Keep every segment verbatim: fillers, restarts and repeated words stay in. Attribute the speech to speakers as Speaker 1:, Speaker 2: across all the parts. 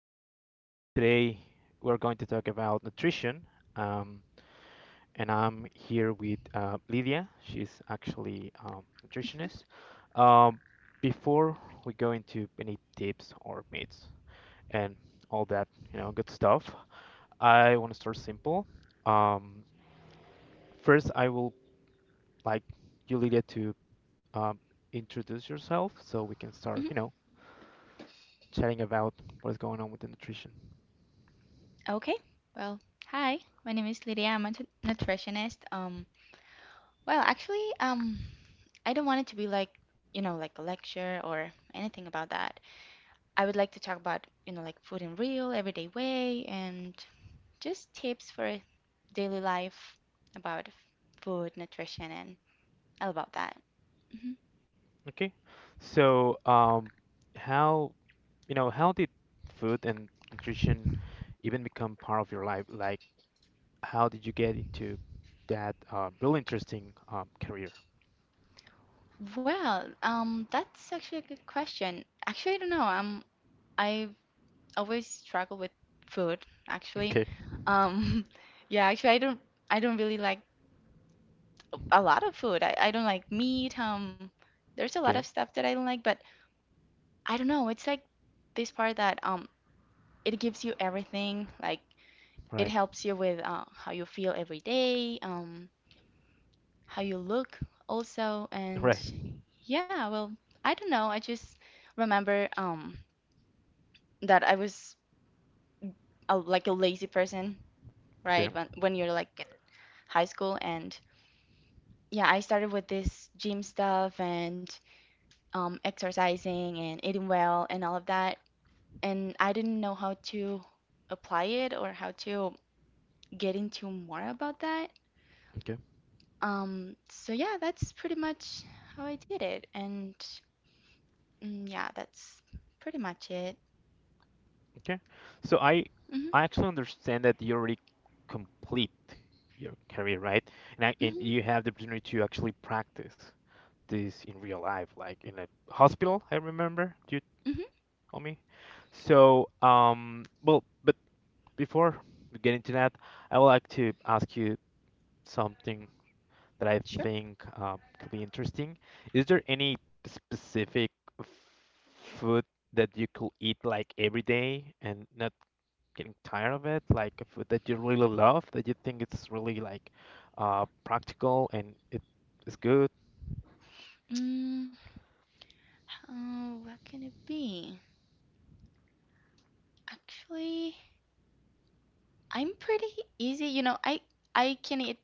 Speaker 1: Um, today, we're going to talk about nutrition. Um, and I'm here with uh, Lydia. She's actually um, nutritionist. Um, Before we go into any tips or myths and all that, you know, good stuff, I want to start simple. Um, First, I will like you, Lydia, to um, introduce yourself so we can
Speaker 2: Mhm.
Speaker 1: start, you know chatting about what is going on with the nutrition.
Speaker 2: Okay. Well, hi. My name is Lydia. I'm a nut- nutritionist. Um, well, actually, um, I don't want it to be like, you know, like a lecture or anything about that. I would like to talk about, you know, like food in real, everyday way, and just tips for daily life about f- food, nutrition, and all about that. Mhm.
Speaker 1: Okay, so um, how you know how did food and nutrition even become part of your life? Like, how did you get into that uh, really interesting um, career?
Speaker 2: Well, um, that's actually a good question. Actually, I don't know. Um, I always struggle with food, actually.
Speaker 1: Okay.
Speaker 2: Um, yeah, actually, I don't I don't really like a lot of food. I, I don't like meat. Um, there's a lot of
Speaker 1: Okay.
Speaker 2: stuff that I don't like, but I don't know. It's like this part that um it gives you everything. Like it
Speaker 1: Right.
Speaker 2: helps you with uh, how you feel every day, um, how you look also, and
Speaker 1: Right.
Speaker 2: yeah, well, I don't know. I just remember um that I was a, like a lazy person,
Speaker 1: Okay.
Speaker 2: right? When when you're like in high school and yeah, I started with this gym stuff and um, exercising and eating well and all of that. And I didn't know how to apply it or how to get into more about that.
Speaker 1: Okay.
Speaker 2: Um, so yeah, that's pretty much how I did it. And mm, yeah, that's pretty much it.
Speaker 1: Okay. So I
Speaker 2: hmm
Speaker 1: I actually understand that you already complete your career, right? And I and
Speaker 2: hmm
Speaker 1: you have the opportunity to actually practice this in real life, like in a hospital, I remember you
Speaker 2: hmm
Speaker 1: told me. So, um, well, but before we get into that, I would like to ask you something that I
Speaker 2: Sure.
Speaker 1: think um, could be interesting. Is there any specific f- food that you could eat like every day and not getting tired of it? Like a food that you really love, that you think it's really like uh, practical and it is good?
Speaker 2: Mm, oh, what can it be? Actually, I'm pretty easy. You know, I I can eat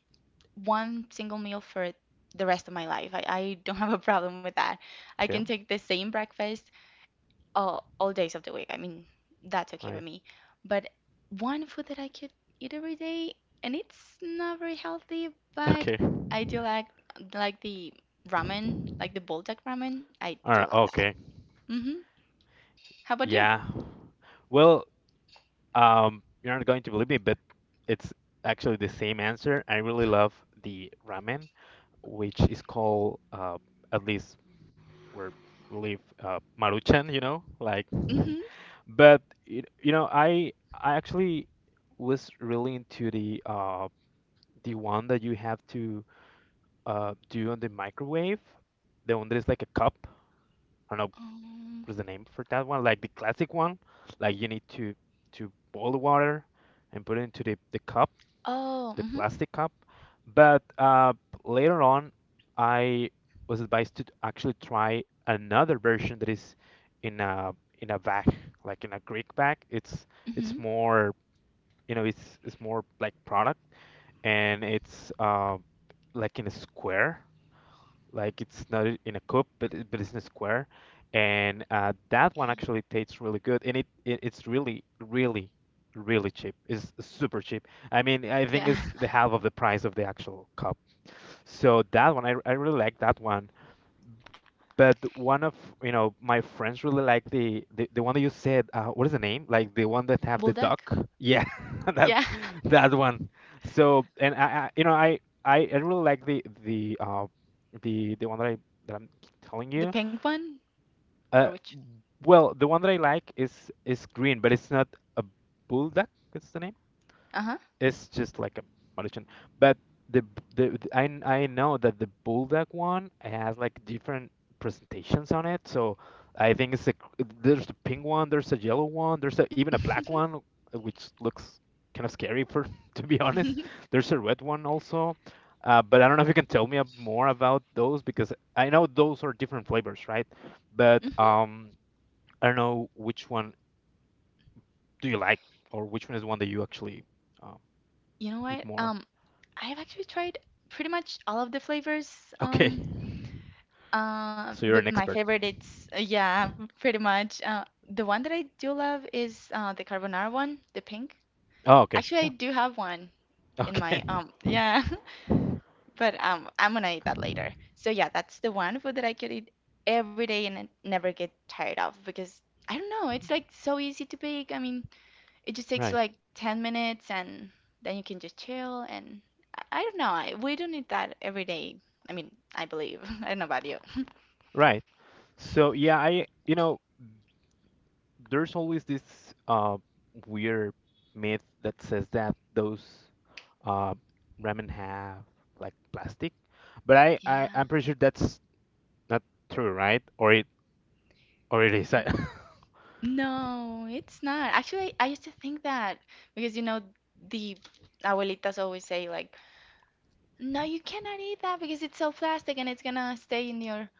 Speaker 2: one single meal for the rest of my life. I, I don't have a problem with that. I can
Speaker 1: Okay,
Speaker 2: take the same breakfast all, all days of the week. I mean, that's okay
Speaker 1: right.
Speaker 2: with me. But one food that I could eat every day, and it's not very healthy, but
Speaker 1: Okay.
Speaker 2: I do like like the ramen,
Speaker 1: Mhm.
Speaker 2: like the buldak ramen. I
Speaker 1: All
Speaker 2: do
Speaker 1: right.
Speaker 2: love that.
Speaker 1: Okay.
Speaker 2: Mm-hmm. How about you?
Speaker 1: Yeah. Well, um, you're not going to believe me, but it's actually the same answer. I really love the ramen, which is called, uh, at least where we live, uh, Maruchan, you know, like.
Speaker 2: Mm-hmm.
Speaker 1: But it, you know, I I actually was really into the uh the one that you have to uh do on the microwave, the one that is like a cup. I don't know
Speaker 2: Um,
Speaker 1: what's the name for that one? Like the classic one. Like you need to to boil the water and put it into the, the cup,
Speaker 2: oh,
Speaker 1: the
Speaker 2: mm-hmm.
Speaker 1: plastic cup. But uh, later on, I was advised to actually try another version that is in a in a bag, like in a Greek bag. It's
Speaker 2: Mm-hmm.
Speaker 1: it's more you know it's it's more like product and it's uh, like in a square, like it's not i- in a cup but it- but it's in a square. And uh, that one actually tastes really good, and it, it it's really really really cheap. It's super cheap. I mean, I think
Speaker 2: Yeah.
Speaker 1: it's the half of the price of the actual cup, so that one i, I really like that one. But one of you know my friends really like the the, the one that you said. Uh, what is the name? Like the one that have the duck?
Speaker 2: Buldak?
Speaker 1: Yeah, that
Speaker 2: Yeah.
Speaker 1: that one. So and I, I you know I, I I really like the the uh the the one that I that I'm telling
Speaker 2: The
Speaker 1: you.
Speaker 2: pink one? Or
Speaker 1: Uh,
Speaker 2: which?
Speaker 1: well, the one that I like is is green, but it's not a bulldog. What's the name?
Speaker 2: Uh-huh.
Speaker 1: It's just like a magician. But the b- the the- I kn- I know that the bulldog one has like different presentations on it. So I think it's a g- there's the pink one, there's a yellow one, there's a, even a black one, uh, which looks kind of scary for to be honest. There's a red one also. Uh, but I don't know if you can tell me ab- more about those because I know those are different flavors, right? But
Speaker 2: Mhm.
Speaker 1: um, I don't know which one do you like, or which one is one that you actually uh,
Speaker 2: You know
Speaker 1: eat
Speaker 2: what?
Speaker 1: more.
Speaker 2: Um, I've actually tried pretty much all of the flavors.
Speaker 1: Okay.
Speaker 2: Um, uh,
Speaker 1: So you're
Speaker 2: but
Speaker 1: an
Speaker 2: my
Speaker 1: expert.
Speaker 2: favorite it's uh, yeah, pretty much. Uh, the one that I do love is uh the carbonara one, the pink.
Speaker 1: Oh, okay.
Speaker 2: Actually, I
Speaker 1: Yeah.
Speaker 2: do have one in
Speaker 1: Okay.
Speaker 2: my um yeah, but um I'm gonna eat that later. So yeah, that's the one food that I could eat every day and I never get tired of because I don't know, it's like so easy to bake. I mean. It just takes you
Speaker 1: Right.
Speaker 2: like ten minutes and then you can just chill and I, I don't know. I, we don't need that every day. I mean, I believe. I don't know about you.
Speaker 1: Right. So yeah, I you know, there's always this uh weird myth that says that those uh ramen have like plastic, but I,
Speaker 2: Yeah.
Speaker 1: I I'm pretty sure that's not true, right? Or it or it is. I,
Speaker 2: Mm. No, it's not. Actually, I used to think that because you know the abuelitas always say like, "No, you cannot eat that because it's so plastic and it's gonna stay in your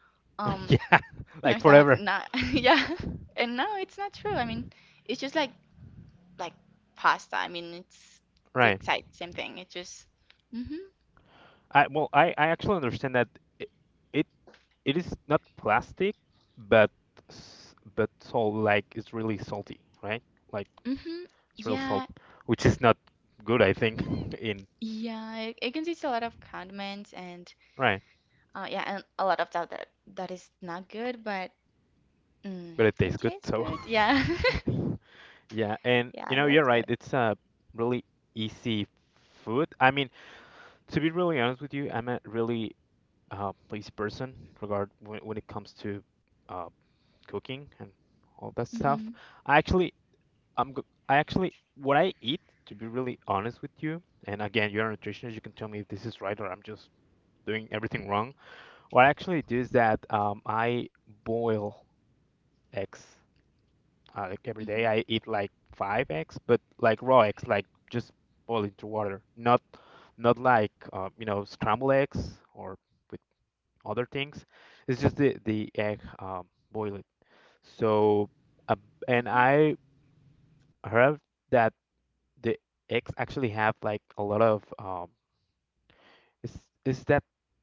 Speaker 2: um
Speaker 1: yeah,
Speaker 2: your
Speaker 1: like
Speaker 2: stomach."
Speaker 1: forever.
Speaker 2: Not yeah. And no, it's not true. I mean, it's just like like pasta. I mean, it's the
Speaker 1: Right.
Speaker 2: exact same thing. It just mhm
Speaker 1: I well, I I actually understand that it, it it is not plastic, but s- but salt, like it's really salty, right? Like
Speaker 2: mhm
Speaker 1: it's real salt,
Speaker 2: yeah
Speaker 1: which is not good, I think. In
Speaker 2: yeah. It, it contains a lot of condiments and
Speaker 1: right,
Speaker 2: uh yeah and a lot of stuff that that is not good, but mm,
Speaker 1: but it
Speaker 2: it
Speaker 1: tastes good,
Speaker 2: tastes
Speaker 1: so
Speaker 2: good. Yeah
Speaker 1: yeah. And
Speaker 2: yeah.
Speaker 1: you
Speaker 2: So
Speaker 1: know, you're
Speaker 2: that's
Speaker 1: right.
Speaker 2: good.
Speaker 1: It's a really easy food. I mean, to be really honest with you, I'm a really uh, lazy person regard when, when it comes to uh, cooking and all that stuff.
Speaker 2: Mhm
Speaker 1: I actually I'm go- I actually, what I eat, to be really honest with you, and again, you're a nutritionist, you can tell me if this is right or I'm just doing everything wrong. What I actually do is that um, I boil eggs uh, like every day.
Speaker 2: mhm
Speaker 1: I eat like five eggs, but like raw eggs, like just boil into water, not not like uh, you know scrambled eggs or with other things. It's just the the egg, um, boil it. So uh, and
Speaker 2: mhm
Speaker 1: I heard that the eggs actually have like a lot of um, is is that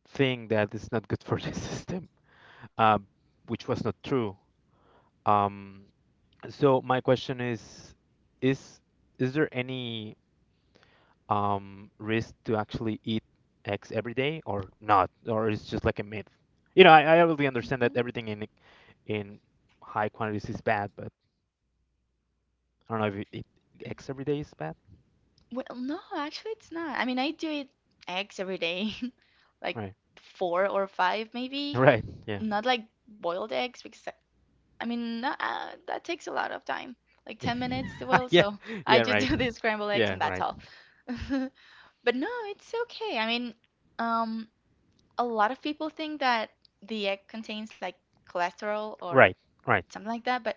Speaker 1: thing that is not good for the system, uh, which was not true. Um, so my question is, is is there any um, risk to actually eat eggs every day or not, or it's just like a myth? You know, I, I really understand that
Speaker 2: mhm.
Speaker 1: everything in in high quantities is bad, but I don't know if you eat eggs every day is bad.
Speaker 2: Well, no, actually, it's not. I mean, I do eat eggs every day, like
Speaker 1: Right.
Speaker 2: four or five maybe.
Speaker 1: Right. Yeah.
Speaker 2: Not like boiled eggs because I mean, no- uh, that takes a lot of time, like ten minutes to boil.
Speaker 1: Yeah.
Speaker 2: So I
Speaker 1: Yeah.
Speaker 2: just
Speaker 1: Right.
Speaker 2: do the scrambled eggs
Speaker 1: Yeah.
Speaker 2: and that's
Speaker 1: Right.
Speaker 2: all. But no, it's okay. I mean, um, a lot of people think that the egg contains like cholesterol or
Speaker 1: Right, right,
Speaker 2: something like that. But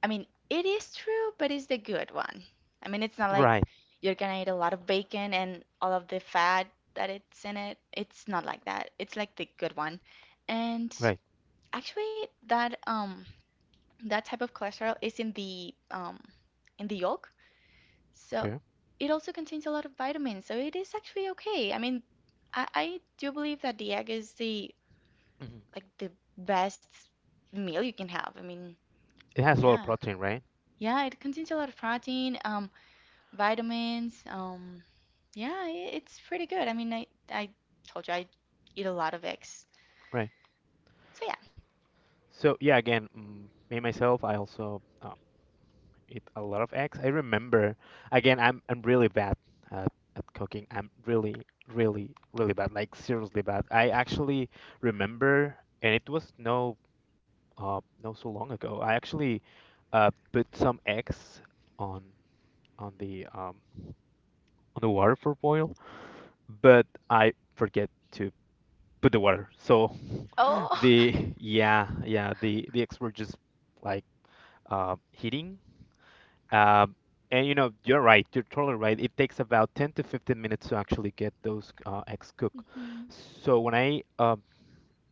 Speaker 2: I mean, it is true, but it's the good one. I mean, it's not like
Speaker 1: right,
Speaker 2: you're gonna eat a lot of bacon and all of the fat that it's in it. It's not like that. It's like the good one. And
Speaker 1: right.
Speaker 2: actually, that um that type of cholesterol is in the um, in the yolk. So
Speaker 1: Okay.
Speaker 2: it also contains a lot of vitamins. So it is actually okay. I mean, I, I do believe that the egg is the
Speaker 1: Mhm.
Speaker 2: like the best meal you can have. I mean,
Speaker 1: It has a lot of
Speaker 2: yeah.
Speaker 1: protein, right?
Speaker 2: Yeah, it contains a lot of protein, um, vitamins, um, yeah, i- it's pretty good. I mean, I I told you I eat a lot of eggs.
Speaker 1: Right.
Speaker 2: So yeah.
Speaker 1: So yeah, again, mm, me myself, I also um, eat a lot of eggs. I remember, again, I'm I'm really bad at, at cooking. I'm really, really, really bad, like seriously bad. I actually remember, and it was no uh no so long ago. I actually uh put some eggs on on the um on the water for boil, but I forget to put the water. So
Speaker 2: Oh.
Speaker 1: the yeah, yeah, the the experts just like uh, heating. Um, and you know, you're right. You're totally right. It takes about ten to fifteen minutes to actually get those uh, eggs cooked.
Speaker 2: Mhm,
Speaker 1: So when I um,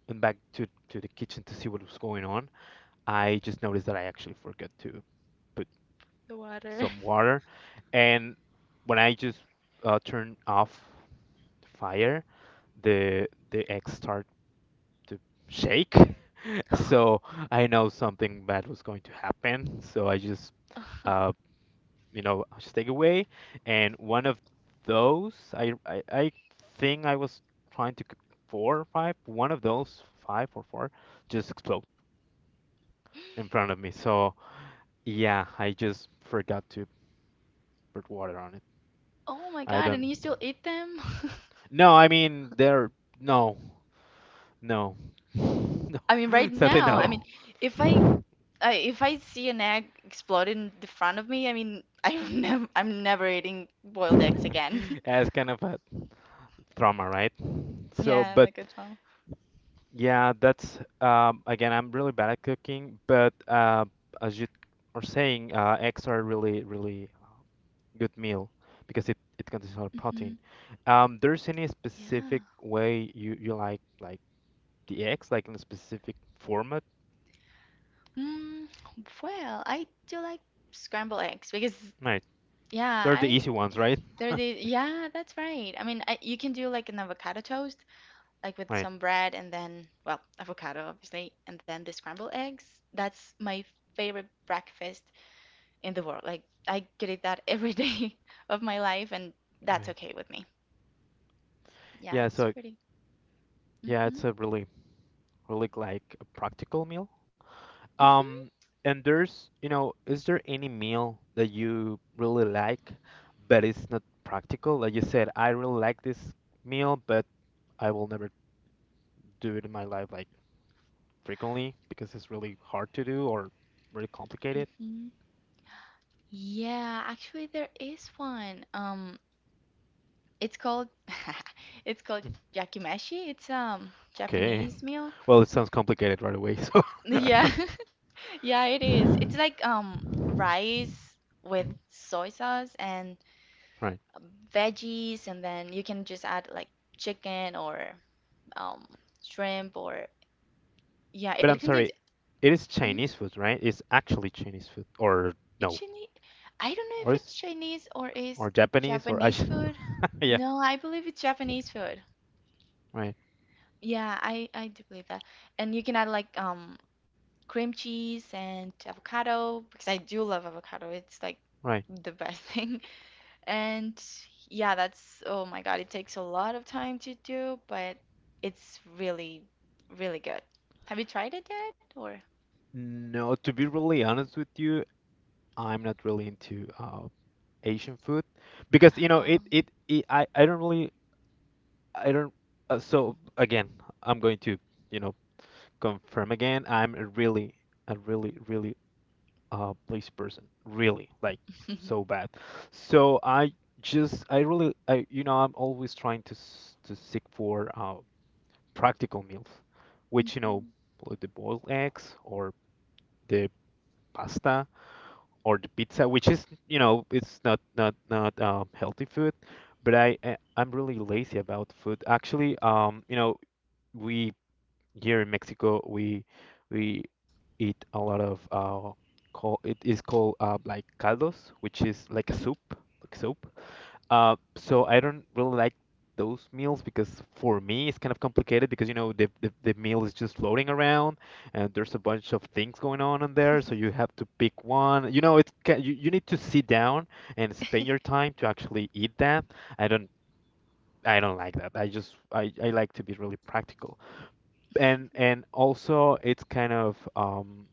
Speaker 1: went back to to the kitchen to see what was going on, I just noticed that I actually forgot to put
Speaker 2: the water.
Speaker 1: some water. And when I just uh, turn off the fire, the the eggs start to shake. So I know something bad was going to happen. So I just, uh, you know, I just take away. And one of those, I, I, I think I was trying to c- four or five. One of those five or four just explode in front of me. So yeah, I just forgot to put water on it.
Speaker 2: Oh my
Speaker 1: I
Speaker 2: God, and
Speaker 1: don't.
Speaker 2: you still eat them?
Speaker 1: No, I mean there. No, no, no.
Speaker 2: I mean, right
Speaker 1: Sadly,
Speaker 2: now, I mean,
Speaker 1: no.
Speaker 2: if I, I if I see an egg explode in the front of me, I mean, I'm never I'm never eating boiled eggs again.
Speaker 1: As kind of a trauma, right? So,
Speaker 2: Yeah,
Speaker 1: but
Speaker 2: like a child.
Speaker 1: yeah, that's um, again, I'm really bad at cooking, but uh, as you are saying, uh, eggs are really, really uh, good meal because it, it contains a lot of protein.
Speaker 2: hmm
Speaker 1: Um, there's any
Speaker 2: Yeah.
Speaker 1: specific way you, you like like the eggs, like in a specific format?
Speaker 2: Mm, well, I do like scrambled eggs because
Speaker 1: Right.
Speaker 2: yeah,
Speaker 1: They're the
Speaker 2: I
Speaker 1: easy ones, right?
Speaker 2: they're the yeah, that's right. I mean, I, you can do like an avocado toast like with
Speaker 1: Right.
Speaker 2: some bread and then, well, avocado, obviously, and then the scrambled eggs. That's my favorite breakfast in the world. Like, I could eat that every day of my life, and that's
Speaker 1: Right.
Speaker 2: okay with me. Yeah,
Speaker 1: Yeah,
Speaker 2: that's
Speaker 1: so
Speaker 2: pretty.
Speaker 1: yeah,
Speaker 2: hmm
Speaker 1: it's a really, really like a practical meal.
Speaker 2: hmm
Speaker 1: Um, and there's, you know, is there any meal that you really like, but it's not practical? Like you said, I really like this meal, but I will never do it in my life like frequently because it's really hard to do or really complicated.
Speaker 2: hmm Yeah, actually, there is one. Um, it's called it's called yakimeshi. It's um
Speaker 1: Okay.
Speaker 2: Japanese meal.
Speaker 1: Well, it sounds complicated right away, so.
Speaker 2: Yeah, yeah, it is. It's
Speaker 1: Mhm.
Speaker 2: like um rice with soy sauce and
Speaker 1: Right.
Speaker 2: veggies and then you can just add like chicken or um shrimp or yeah
Speaker 1: But
Speaker 2: it
Speaker 1: I'm
Speaker 2: contains
Speaker 1: sorry, it is
Speaker 2: mhm,
Speaker 1: Chinese food, right? It's actually Chinese food, or
Speaker 2: it's
Speaker 1: no,
Speaker 2: Chinese I don't know
Speaker 1: or
Speaker 2: if it's
Speaker 1: is
Speaker 2: Chinese or is
Speaker 1: or Japanese, or I
Speaker 2: Japanese
Speaker 1: should,
Speaker 2: food
Speaker 1: yeah,
Speaker 2: no I believe it's Japanese food
Speaker 1: right.
Speaker 2: yeah I I do believe that and you can add like um cream cheese and avocado because I do love avocado it's like
Speaker 1: Right.
Speaker 2: the best thing. And yeah, that's, oh my God, it takes a lot of time to do, but it's really, really good. Have you tried it yet? Or,
Speaker 1: No, to be really honest with you, I'm not really into uh, Asian food because you know it,
Speaker 2: um,
Speaker 1: it it I I don't really I don't uh, so again, I'm going to you know confirm again, I'm a really a really really uh place person really like
Speaker 2: mhm,
Speaker 1: so bad, so I just I really I you know I'm always trying to s- to seek for uh practical meals, which you know, like the boiled eggs or the pasta or the pizza, which is, you know, it's not not not um, healthy food, but I I- I'm really lazy about food. Actually, um, you know, we here in Mexico we we eat a lot of uh, call it is called uh, like caldos, which is like a
Speaker 2: mhm,
Speaker 1: soup, like soup. Uh, so I don't really like those meals because for me it's kind of complicated because you know the, the the meal is just floating around, and there's a bunch of things going on in there, so you have to pick one. You know, it's ca- you, you need to sit down and spend your time to actually eat that. I don't I don't like that. I just I, I like to be really practical and and also it's kind of um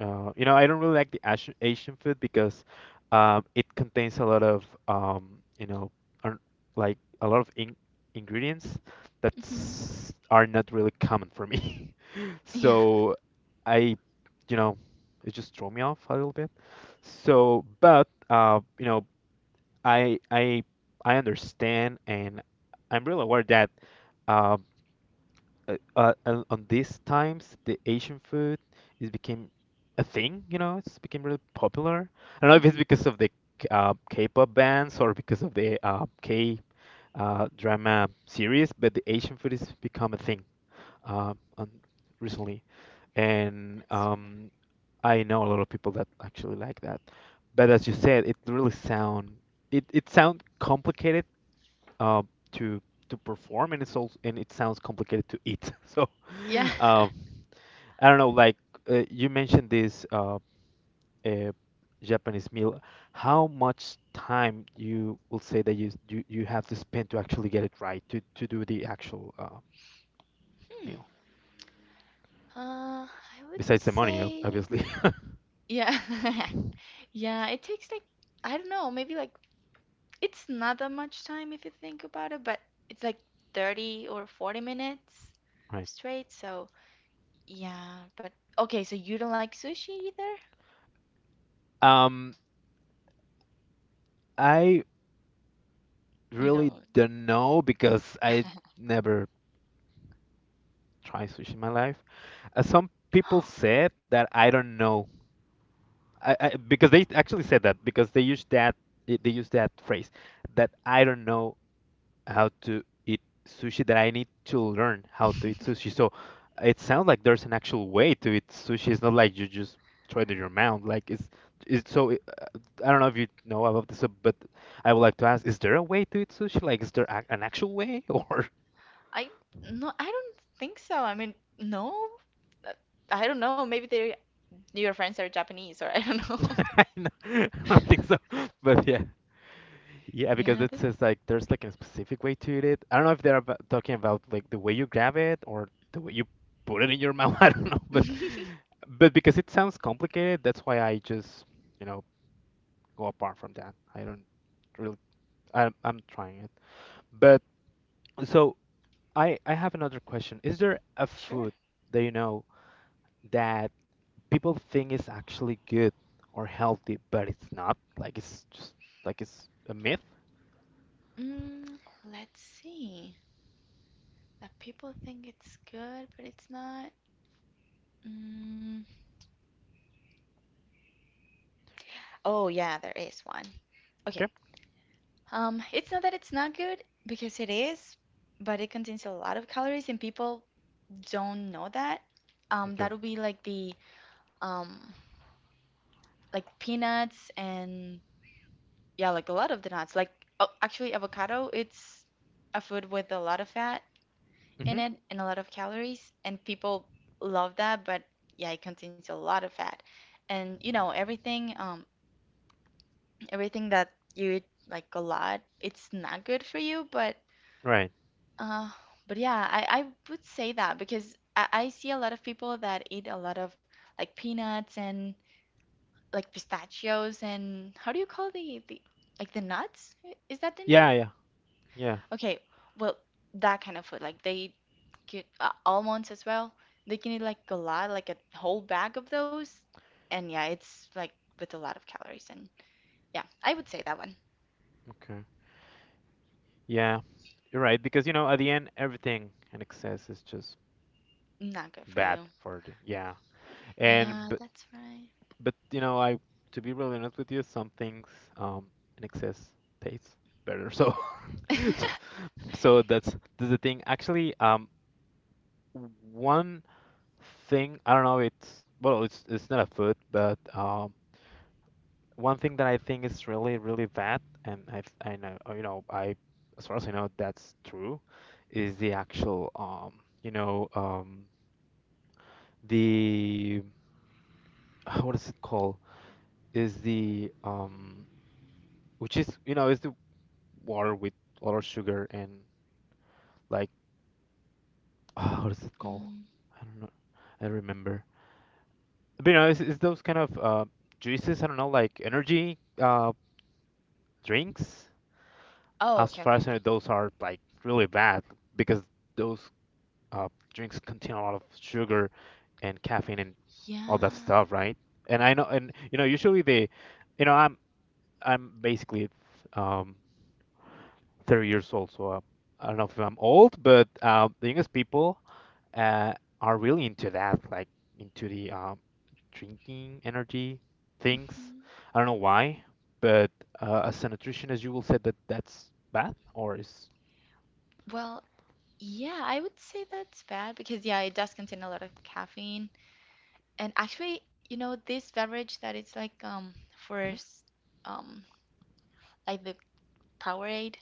Speaker 1: uh, you know, I don't really like the Asian Asian food because um it contains a lot of um you know un- like a lot of in ingredients that
Speaker 2: mhm,
Speaker 1: are not really common for me.
Speaker 2: yeah,
Speaker 1: So I you know it just threw me off a little bit. So but uh you know I I I understand and I'm really aware that. Um, uh, uh, uh, on these times the Asian food is became a thing, you know, it's became really popular. I don't know if it's
Speaker 2: mhm,
Speaker 1: because of the K- uh, K-pop bands or because of the uh, K uh, drama series, but the Asian food has become a thing uh, on recently, and
Speaker 2: that's
Speaker 1: um,
Speaker 2: right.
Speaker 1: I know a lot of people that actually like that. But as you said, it really sound it it sound complicated uh, to to perform, and it's also and it sounds complicated to eat. So.
Speaker 2: Yeah.
Speaker 1: Um, I don't know, like uh, you mentioned this uh, uh, Japanese meal. How much time you will say that you, you you have to spend to actually get it right, to to do the actual uh,
Speaker 2: Hmm.
Speaker 1: meal,
Speaker 2: Uh, I would
Speaker 1: besides the money, ob-
Speaker 2: say,
Speaker 1: obviously.
Speaker 2: yeah, yeah, it takes like, I don't know, maybe like, it's not that much time if you think about it, but it's like thirty or forty minutes
Speaker 1: Right.
Speaker 2: straight, so. Yeah, but okay, so you don't like sushi either?
Speaker 1: Um, I
Speaker 2: You
Speaker 1: really
Speaker 2: don't.
Speaker 1: don't know because I never tried sushi in my life. Uh, some people said that I don't know. I, I because they actually said that because they use that they use that phrase that I don't know how to eat sushi, that I need to learn how to eat sushi. So it sounds like there's an actual way to eat sushi. It's not like you just throw it in your mouth. Like it's it's so I I don't know if you know about this, uh, but I would like to ask: Is there a way to eat sushi? Like, is there a, an actual way, or
Speaker 2: I no, I don't think so. I mean, no. Uh, I don't know. Maybe they your friends are Japanese or I don't know.
Speaker 1: I know- I don't think so. But yeah, yeah, because
Speaker 2: Yeah,
Speaker 1: it
Speaker 2: that's
Speaker 1: says like there's like a specific way to eat it. I don't know if they're abo- talking about like the way you grab it or the way you put it in your mouth. I don't know, but but because it sounds complicated, that's why I just, you know, go apart from that. I don't really I I'm trying it. But so I I have another question. Is there a
Speaker 2: Sure.
Speaker 1: food that you know that people think is actually good or healthy, but it's not? Like it's just like it's a myth?
Speaker 2: Mm, let's see. That people think it's good, but it's not. Mm. Oh, yeah, there is one.
Speaker 1: Okay?
Speaker 2: Okay. Um, it's not that it's not good because it is, but it contains a lot of calories and people don't know that, um,
Speaker 1: Okay.
Speaker 2: that'll be like the um, like peanuts and yeah, like a lot of the nuts. Like oh, actually, avocado, it's a food with a lot of fat in
Speaker 1: Hmm.
Speaker 2: it and a lot of calories, and people love that, but yeah, it contains a lot of fat. And you know, everything, um, everything that you eat like a lot, it's not good for you, but
Speaker 1: Right.
Speaker 2: uh, but yeah, I, I would say that because I, I see a lot of people that eat a lot of like peanuts and like pistachios and how do you call the the like the nuts? I- Is that the name?
Speaker 1: Yeah, yeah, yeah.
Speaker 2: Okay, well, that kind of food. Like they get uh, almonds as well. They can eat like a lot, like a whole bag of those. And yeah, it's like with a lot of calories. And yeah, I would say that one.
Speaker 1: Okay. Yeah, you're right. Because, you know, at the end, everything in excess is just
Speaker 2: Not good for
Speaker 1: bad
Speaker 2: you.
Speaker 1: for the, yeah.
Speaker 2: Yeah,
Speaker 1: And, but,
Speaker 2: that's right.
Speaker 1: but, you know, I, to be really honest with you, some things, um, in excess tastes better. So, so that's, that's the thing. Actually, um, one thing, I don't know, it's, well, it's, it's not a food, but, um, one thing that I think is really, really bad, and I, th- I know, uh, you know, I, as far as I know, that's true, is the actual, um, you know, um, the, what is it called? Is the, um, which is, you know, is the water with a lot of sugar and like, what is it called?
Speaker 2: Mm.
Speaker 1: I don't know. I don't remember. But, you know, it's, it's those kind of uh, juices, I don't know, like energy uh, drinks.
Speaker 2: Oh,
Speaker 1: As
Speaker 2: okay,
Speaker 1: far
Speaker 2: okay,
Speaker 1: as I know,
Speaker 2: okay.
Speaker 1: those are like really bad because those uh, drinks contain a lot of sugar and caffeine and all that
Speaker 2: Yeah.
Speaker 1: stuff, right? And I know, and you know, usually they, you know, I'm I'm basically um thirty years old, so uh, I don't know if I'm old, but uh, the youngest people uh, are really into that, like into the um, drinking energy things.
Speaker 2: Mhm.
Speaker 1: I don't know why, but uh, as a nutritionist, you will say that that's bad or is
Speaker 2: Well, yeah, I would say that's bad because yeah, it does contain a lot of caffeine. And actually, you know, this beverage that it's like um for
Speaker 1: Mhm.
Speaker 2: s- um like the Powerade,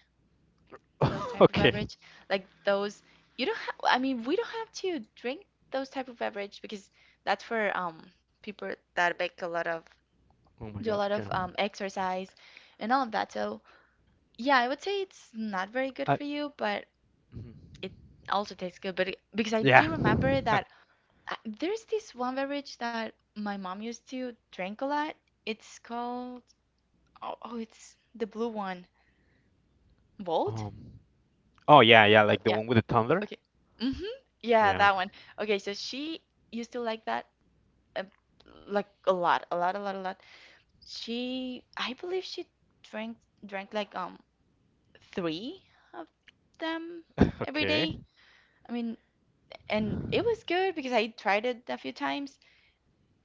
Speaker 2: those type of
Speaker 1: Okay.
Speaker 2: beverage, like those you don't have I mean, we don't have to drink those type of beverage because that's for um people that make a lot of
Speaker 1: Oh my
Speaker 2: do a
Speaker 1: God.
Speaker 2: lot
Speaker 1: Okay.
Speaker 2: of um exercise and all of that. So, yeah, I would say it's not very good
Speaker 1: I.
Speaker 2: for you, but
Speaker 1: Mhm.
Speaker 2: it also tastes good, but it, because I
Speaker 1: Yeah.
Speaker 2: do remember that I, there's this one beverage that my mom used to drink a lot. It's called oh, oh, it's the blue one. Volt?
Speaker 1: Um. Oh yeah, yeah,
Speaker 2: But
Speaker 1: like the
Speaker 2: yeah.
Speaker 1: one with the tumbler.
Speaker 2: Okay. Mm-hmm. Yeah,
Speaker 1: Yeah.
Speaker 2: that one. Okay, so she used to like that, uh, like a lot, a lot, a lot, a lot. She, I believe she drank drank like um three of them every
Speaker 1: Okay.
Speaker 2: day. I mean, and it was good because I tried it a few times,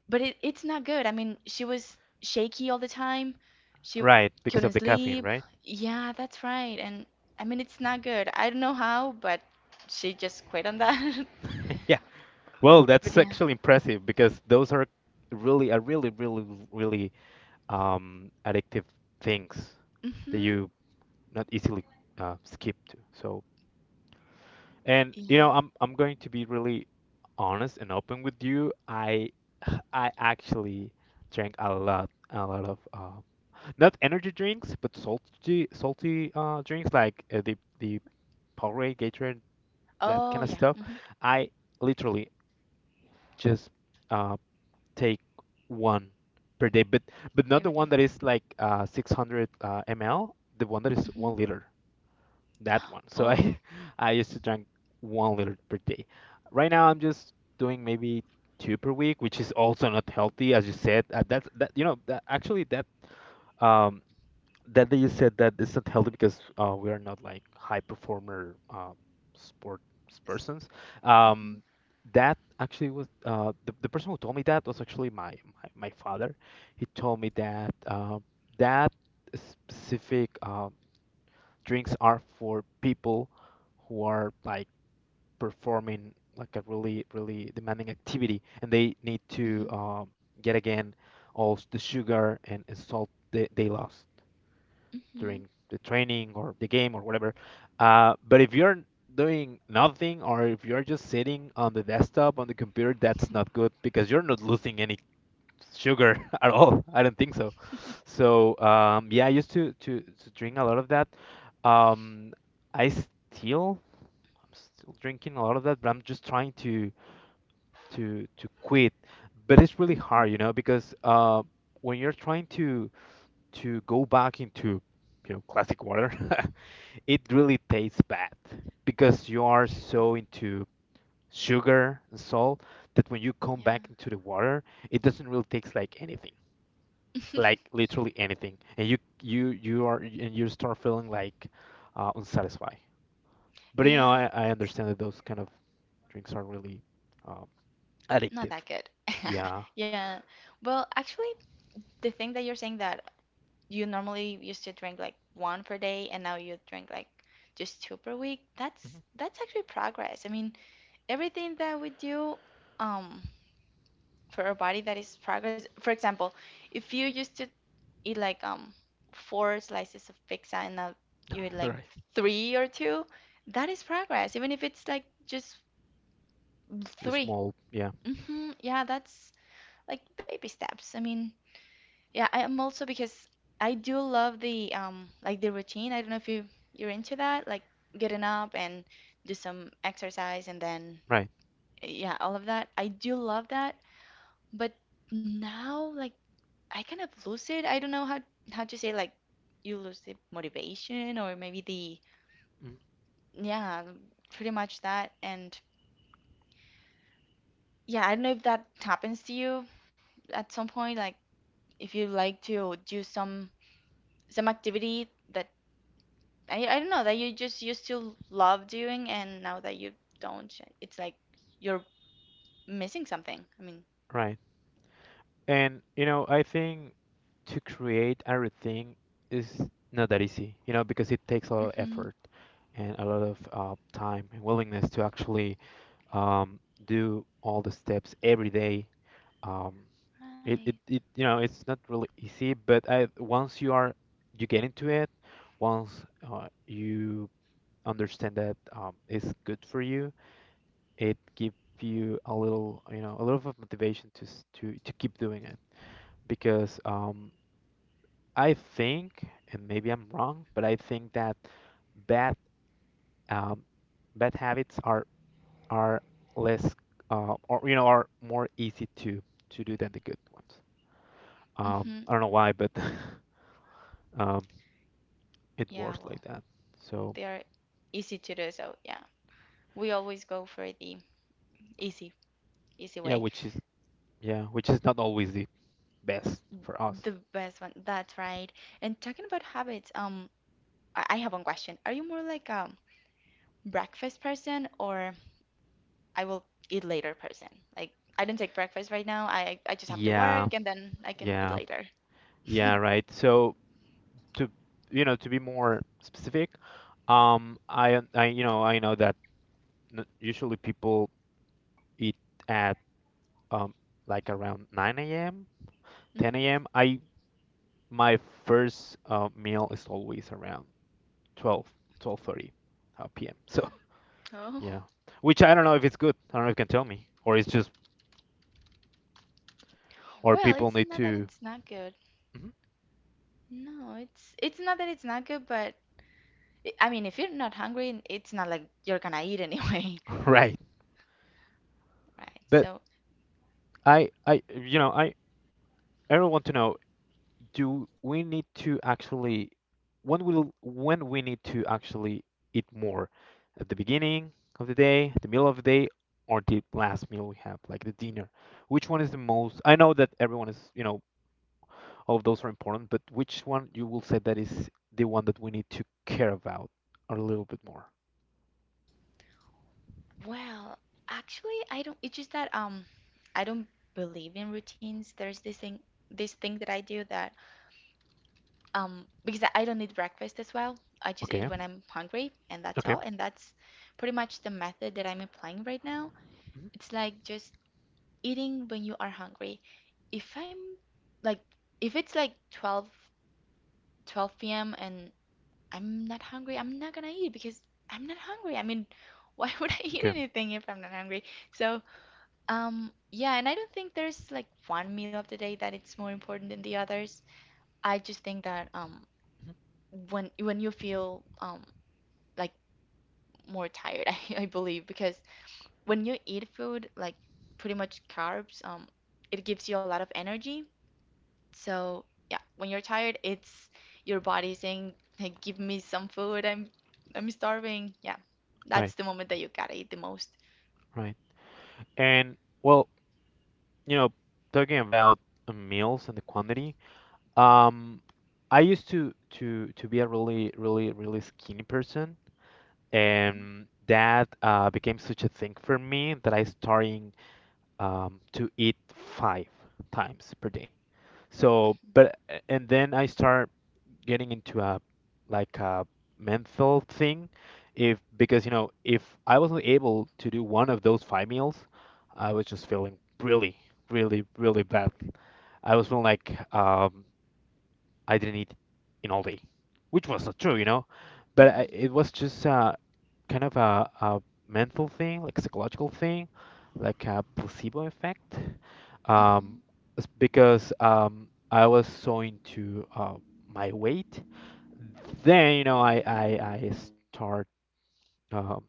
Speaker 2: but it, it's not good. I mean, she was shaky all the time. She
Speaker 1: Right, because of
Speaker 2: couldn't
Speaker 1: the caffeine,
Speaker 2: sleep.
Speaker 1: right?
Speaker 2: Yeah, that's right. And I mean, it's not good. I don't know how, but she just quit on that.
Speaker 1: Yeah. Well,
Speaker 2: But
Speaker 1: that's
Speaker 2: yeah.
Speaker 1: actually impressive because those are really are really really really um addictive things that
Speaker 2: Mm-hmm.
Speaker 1: you not easily uh, skip to. So, and you know,
Speaker 2: Yeah.
Speaker 1: I'm I'm going to be really honest and open with you. I I actually drank a lot a lot of uh, not energy drinks, but salty salty uh, drinks like uh, the the Powerade, Gatorade, that
Speaker 2: Oh,
Speaker 1: kind of
Speaker 2: yeah.
Speaker 1: stuff.
Speaker 2: Mm-hmm.
Speaker 1: I literally just uh, take one per day, but but not
Speaker 2: Every
Speaker 1: the
Speaker 2: day.
Speaker 1: one that is like uh, six hundred uh, ml, the one that is
Speaker 2: Mm-hmm.
Speaker 1: one liter, that one. So
Speaker 2: Oh.
Speaker 1: I I used to drink one liter per day. Right now I'm just doing maybe two per week, which is also not healthy, as you said. Uh, that's that You know that actually that um that they said that it's not healthy because uh, we are not like high performer uh, sports persons.
Speaker 2: Mm-hmm.
Speaker 1: Um, that actually was uh, the, the person who told me that was actually my, my, my father. He told me that uh, that specific uh, drinks are for people who are like performing like a really really demanding activity and they need to
Speaker 2: Mm-hmm.
Speaker 1: um, get again all s- the sugar and, and salt they, they lost
Speaker 2: Mm-hmm.
Speaker 1: during the training or the game or whatever. Uh, but if you're doing nothing or if you're just sitting on the desktop on the computer, that's not good because you're not losing any sugar at all. I don't think so. So um, yeah, I used to, to to drink a lot of that. Um, I still I'm still drinking a lot of that, but I'm just trying to to to quit. But it's really
Speaker 2: Mm-hmm.
Speaker 1: hard, you know, because uh, when you're trying to to go back into you know classic water it really tastes bad because you are so into sugar and salt that when you come
Speaker 2: Yeah.
Speaker 1: back into the water, it doesn't really taste like anything, like literally anything, and you you you are and you start feeling like uh, unsatisfied. But you know,
Speaker 2: Yeah,
Speaker 1: I, I
Speaker 2: that's
Speaker 1: understand that those kind of drinks are really um,
Speaker 2: not
Speaker 1: addictive.
Speaker 2: that good.
Speaker 1: Yeah.
Speaker 2: Yeah. Well, actually, the thing that you're saying that you normally used to drink like one per day and now you drink like just two per week, that's
Speaker 1: Mhm.
Speaker 2: that's actually progress. I mean, everything that we do um for our body, that is progress. For example, if you used to eat like um four slices of pizza and now you eat like
Speaker 1: Right.
Speaker 2: three or two, that is progress even if it's like just
Speaker 1: It's
Speaker 2: three.
Speaker 1: small. Yeah.
Speaker 2: Mm-hmm. Yeah, that's like baby steps, I mean. Yeah, I am also because I do love the um like the routine. I don't know if you you're into that, like getting up and do some exercise and then,
Speaker 1: Right.
Speaker 2: yeah, all of that. I do love that, but now, like, I kind of lose it. I don't know how how to say, like, you lose the motivation or maybe the,
Speaker 1: Mhm.
Speaker 2: yeah, pretty much that. And yeah, I don't know if that happens to you at some point, like if you like to do some some activity that I, I don't know that you just you still love doing and now that you don't, it's like you're missing something, I mean.
Speaker 1: Right. And you know, I think to create a routine is not that easy, you know, because it takes a lot of
Speaker 2: Mm-hmm.
Speaker 1: effort and a lot of uh, time and willingness to actually um, do all the steps every day. Um, it,
Speaker 2: Right.
Speaker 1: it, it, you know, it's not really easy, but I, once you are, you get into it, once uh, you understand that um, it's good for you, it gives you a little, you know, a little of motivation to s- to to keep doing it because um, I think, and maybe I'm wrong, but I think that bad um, bad habits are are less uh, or you know are more easy to to do than the good ones. Um,
Speaker 2: Mm-hmm.
Speaker 1: I don't know why, but um, it
Speaker 2: Yeah.
Speaker 1: works like
Speaker 2: Well,
Speaker 1: that. So
Speaker 2: they are easy to do, so yeah, we always go for the easy easy
Speaker 1: yeah,
Speaker 2: way,
Speaker 1: which is yeah, which is not always the best for us.
Speaker 2: the best one. That's right. And talking about habits, um I, I have one question. Are you more like a breakfast person or I will eat later person? Like, I don't take breakfast right now. I I just have to
Speaker 1: Yeah,
Speaker 2: work and then I can eat
Speaker 1: yeah,
Speaker 2: later.
Speaker 1: yeah, right. So to you know to be more specific, um, I I you know I know that n- usually people it at um like around nine a m,
Speaker 2: Hmm.
Speaker 1: ten a m. I my first uh, meal is always around twelve, twelve thirty uh, p m. So
Speaker 2: Oh.
Speaker 1: yeah, which I don't know if it's good. I don't know if you can tell me, or it's just or
Speaker 2: Well,
Speaker 1: people
Speaker 2: it's
Speaker 1: need
Speaker 2: not that
Speaker 1: to
Speaker 2: it's not good.
Speaker 1: Mhm.
Speaker 2: No, it's it's not that it's not good, but I I mean, if you're not hungry, it's not like you're gonna eat anyway.
Speaker 1: right.
Speaker 2: Right.
Speaker 1: But
Speaker 2: So,
Speaker 1: I I you know I I really want to know: do we need to actually when will when we need to actually eat more at the beginning of the day, the middle of the day, or the last meal we have, like the dinner? Which one is the most? I know that everyone is, you know, all of those are important, but which one you will say that is the one that we need to care about a little bit more?
Speaker 2: well, actually, I don't, it's just that, um I don't believe in routines. There's this thing this thing that I do that, um because I don't eat breakfast as well. I just eat
Speaker 1: Okay,
Speaker 2: when I'm hungry, and that's
Speaker 1: okay,
Speaker 2: all. And that's pretty much the method that I'm applying right now.
Speaker 1: mhm,
Speaker 2: It's like just eating when you are hungry. If I'm like if it's like twelve, twelve p m and I'm not hungry, I'm not gonna eat because I'm not hungry. I mean, why would I eat
Speaker 1: okay,
Speaker 2: anything if I'm not hungry? So, um yeah, and I don't think there's like one meal of the day that it's more important than the others. I just think that um
Speaker 1: mhm,
Speaker 2: when when you feel um like more tired, I, I believe because when you eat food like pretty much carbs, um it gives you a lot of energy. So, yeah, when you're tired, it's your body saying, like, give me some food. I'm I'm starving. Yeah.
Speaker 1: right,
Speaker 2: That's the moment that you gotta eat the most.
Speaker 1: right. And well, you know, talking about uh, meals and the quantity. Um, I used to to to be a really really really skinny person,
Speaker 2: Mhm.
Speaker 1: and that uh, became such a thing for me that I starting um, to eat five times per day. So, but a- and then I start getting into a like a mental thing, if because you know if I wasn't able to do one of those five meals, I was just feeling really really really bad. I was feeling like um, I didn't eat in all day, which was not true, you know. But I,
Speaker 2: Mhm.
Speaker 1: it was just uh, kind of a, a mental thing, like psychological thing, like a placebo effect. Um, it's because um, I was so into uh, my weight. Then, you know, I I, I start um,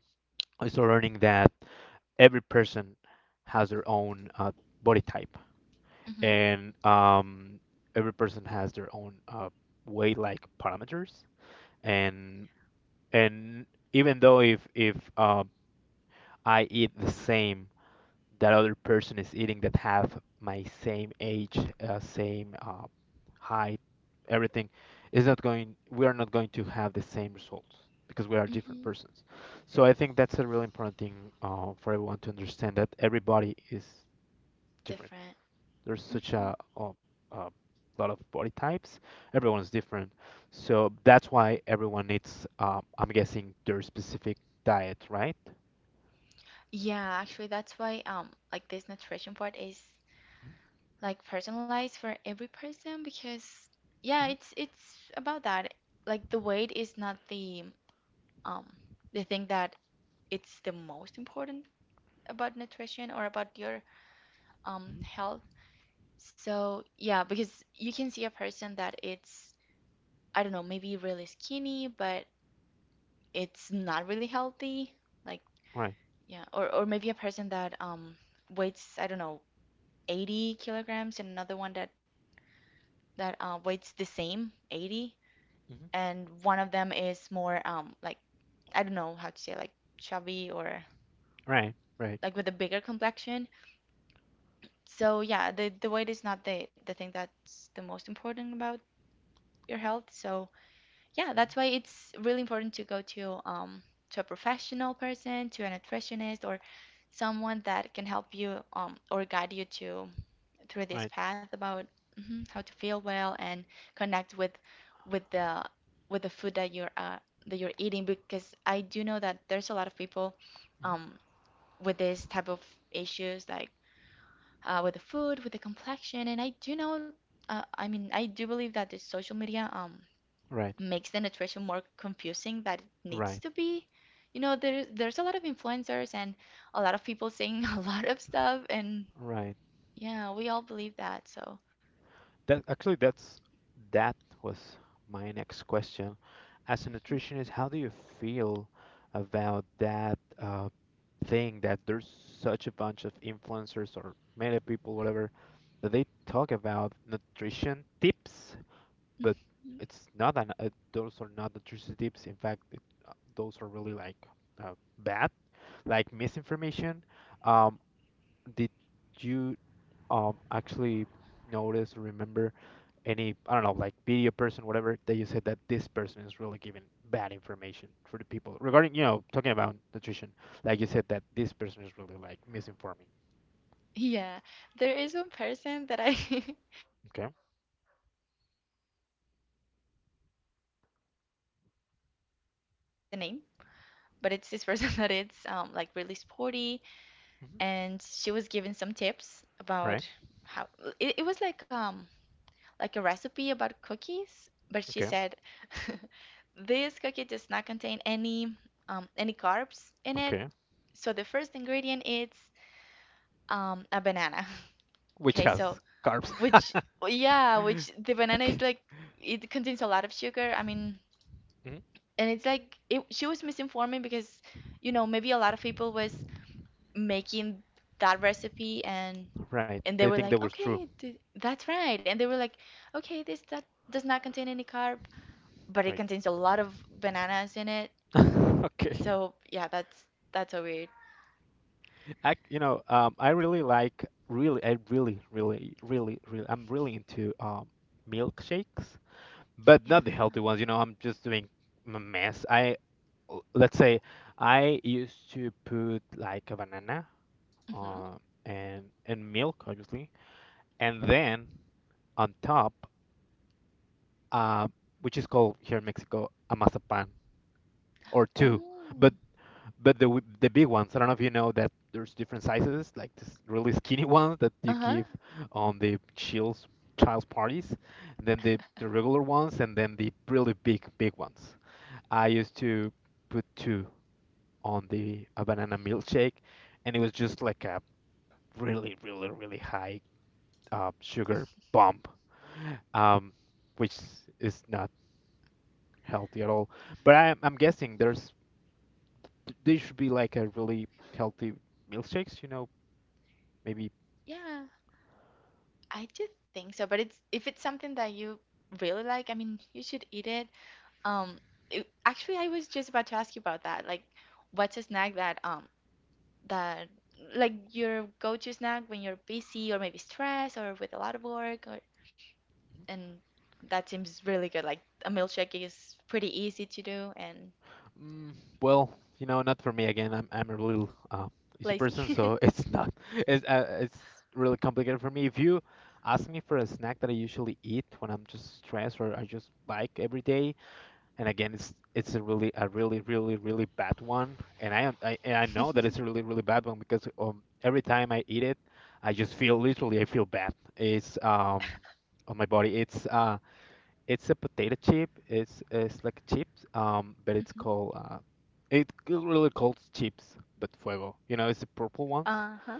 Speaker 1: I start learning that every person has their own uh, body type,
Speaker 2: Mhm.
Speaker 1: and um, every person has their own uh, weight like parameters and and even though if if um, I eat the same that other person is eating that have my same age, uh, same uh, height, everything, is not going. We are not going to have the same results because we are different
Speaker 2: Mhm.
Speaker 1: persons. So I think that's a really important thing uh, for everyone to understand that everybody is different.
Speaker 2: Different.
Speaker 1: There's such
Speaker 2: Mhm.
Speaker 1: a, a, a lot of body types. Everyone is different, so that's why everyone needs, um, I'm guessing, their specific diet, right?
Speaker 2: Yeah, actually, that's why, um like, this nutrition part is like personalized for every person because, yeah,
Speaker 1: Mm-hmm.
Speaker 2: it's it's about that. Like the weight is not the um the thing that it's the most important about nutrition or about your um
Speaker 1: hmm
Speaker 2: health. So yeah, because you can see a person that it's, I don't know, maybe really skinny, but it's not really healthy. Like,
Speaker 1: Right.
Speaker 2: yeah, or or maybe a person that um weighs, I don't know, eighty kilograms and another one that that uh, weighs the same eighty,
Speaker 1: hmm
Speaker 2: and one of them is more um like, I don't know how to say, like, chubby or
Speaker 1: Right. Right.
Speaker 2: like with a bigger complexion. So yeah, the the weight is not the the thing that's the most important about your health. So yeah, that's why it's really important to go to um, to a professional person, to a nutritionist, or someone that can help you, um, or guide you to through this
Speaker 1: Right.
Speaker 2: path about, mhm, how to feel well and connect with with the with the food that you're uh, that you're eating. Because I do know that there's a lot of people,
Speaker 1: Mhm.
Speaker 2: um, with this type of issues, like, uh, with the food, with the complexion, and I do know. Uh, I mean, I do believe that the social media, um,
Speaker 1: Right.
Speaker 2: makes the nutrition more confusing that it needs
Speaker 1: Right.
Speaker 2: to be. You know, there's there's a lot of influencers and a lot of people saying a lot of stuff, and
Speaker 1: Right.
Speaker 2: yeah, we all believe that. So,
Speaker 1: That actually that's that was my next question. As a nutritionist, how do you feel about that uh, thing that there's such a bunch of influencers or media people, whatever, that they talk about nutrition tips, but
Speaker 2: mhm.
Speaker 1: it's not an uh, those are not nutrition tips. In fact, it, uh, those are really like uh, bad, like misinformation. Um, did you um actually notice or remember any, I don't know, like video person whatever, they just said that this person is really giving bad information for the people regarding, you know, talking about nutrition, like you said that this person is really like misinforming.
Speaker 2: Yeah, there is one person that I that
Speaker 1: Okay.
Speaker 2: it's actually pretty funny. Um, and there is this person. I don't know if I am allowed to say the name, but it's this person that it's um like really sporty,
Speaker 1: hmm
Speaker 2: and she was giving some tips
Speaker 1: all right.
Speaker 2: about how it, it was like um like a recipe about cookies, but she
Speaker 1: Okay.
Speaker 2: said this cookie does not contain any um, any carbs in it.
Speaker 1: Okay.
Speaker 2: So the first ingredient is, um, a banana.
Speaker 1: Which
Speaker 2: Okay,
Speaker 1: has
Speaker 2: so
Speaker 1: carbs.
Speaker 2: which, yeah, which, the banana is like it contains a lot of sugar, I mean,
Speaker 1: Mhm.
Speaker 2: and it's like it, she was misinforming because, you know, maybe a lot of people was making that recipe and
Speaker 1: Right,
Speaker 2: and
Speaker 1: they
Speaker 2: they were
Speaker 1: think that
Speaker 2: like,
Speaker 1: was true.
Speaker 2: okay, th- that's right, and they were like, okay, this, that does not contain any carb, but it
Speaker 1: Right.
Speaker 2: contains a lot of bananas in it.
Speaker 1: Okay.
Speaker 2: So yeah, that's that's so weird.
Speaker 1: I, you know, um I really like really I really really really really I'm really into um milkshakes, but
Speaker 2: Yeah.
Speaker 1: not the healthy ones, you know. I'm just doing a mess. I l- let's say I used to put like a banana,
Speaker 2: Hmm.
Speaker 1: uh, and and milk obviously, and then on top, uh, which is called here in Mexico a mazapan, or two.
Speaker 2: Oh.
Speaker 1: But but the w- the big ones. I don't know if you know that there's different sizes, like this really skinny ones that you
Speaker 2: Uh-huh.
Speaker 1: give on the child's child's parties, and then the the regular ones, and then the really big big ones. I used to put two on the a banana milkshake, and it was just like a really, really, really high uh, sugar bump, um, which is not healthy at all. But I, I'm guessing there's there should be like a really healthy milkshakes, you know, maybe.
Speaker 2: Yeah. I do think so, but it's if it's something that you really like, I mean, you should eat it. Um, it, actually, I was just about to ask you about that. Like, what's a snack that um that, like, your go-to snack when you're busy or maybe stressed or with a lot of work or, and that seems really good. Like a milkshake is pretty easy to do and
Speaker 1: Mm, well, you know, not for me again. I'm I'm a little uh, easy
Speaker 2: lazy.
Speaker 1: person, so it's not it's uh, it's really complicated for me. If you ask me for a snack that I usually eat when I'm just stressed or I just like every day, and again, it's it's a really a really really really bad one, and I am- I and I know that it's a really really bad one because um every time I eat it, I just feel literally I feel bad. It's um on my body. It's uh, it's a potato chip. It's it's like chips, um, but it's
Speaker 2: Mhm.
Speaker 1: called uh, it c- really called chips, but fuego. You know, it's the purple ones.
Speaker 2: Uh-huh.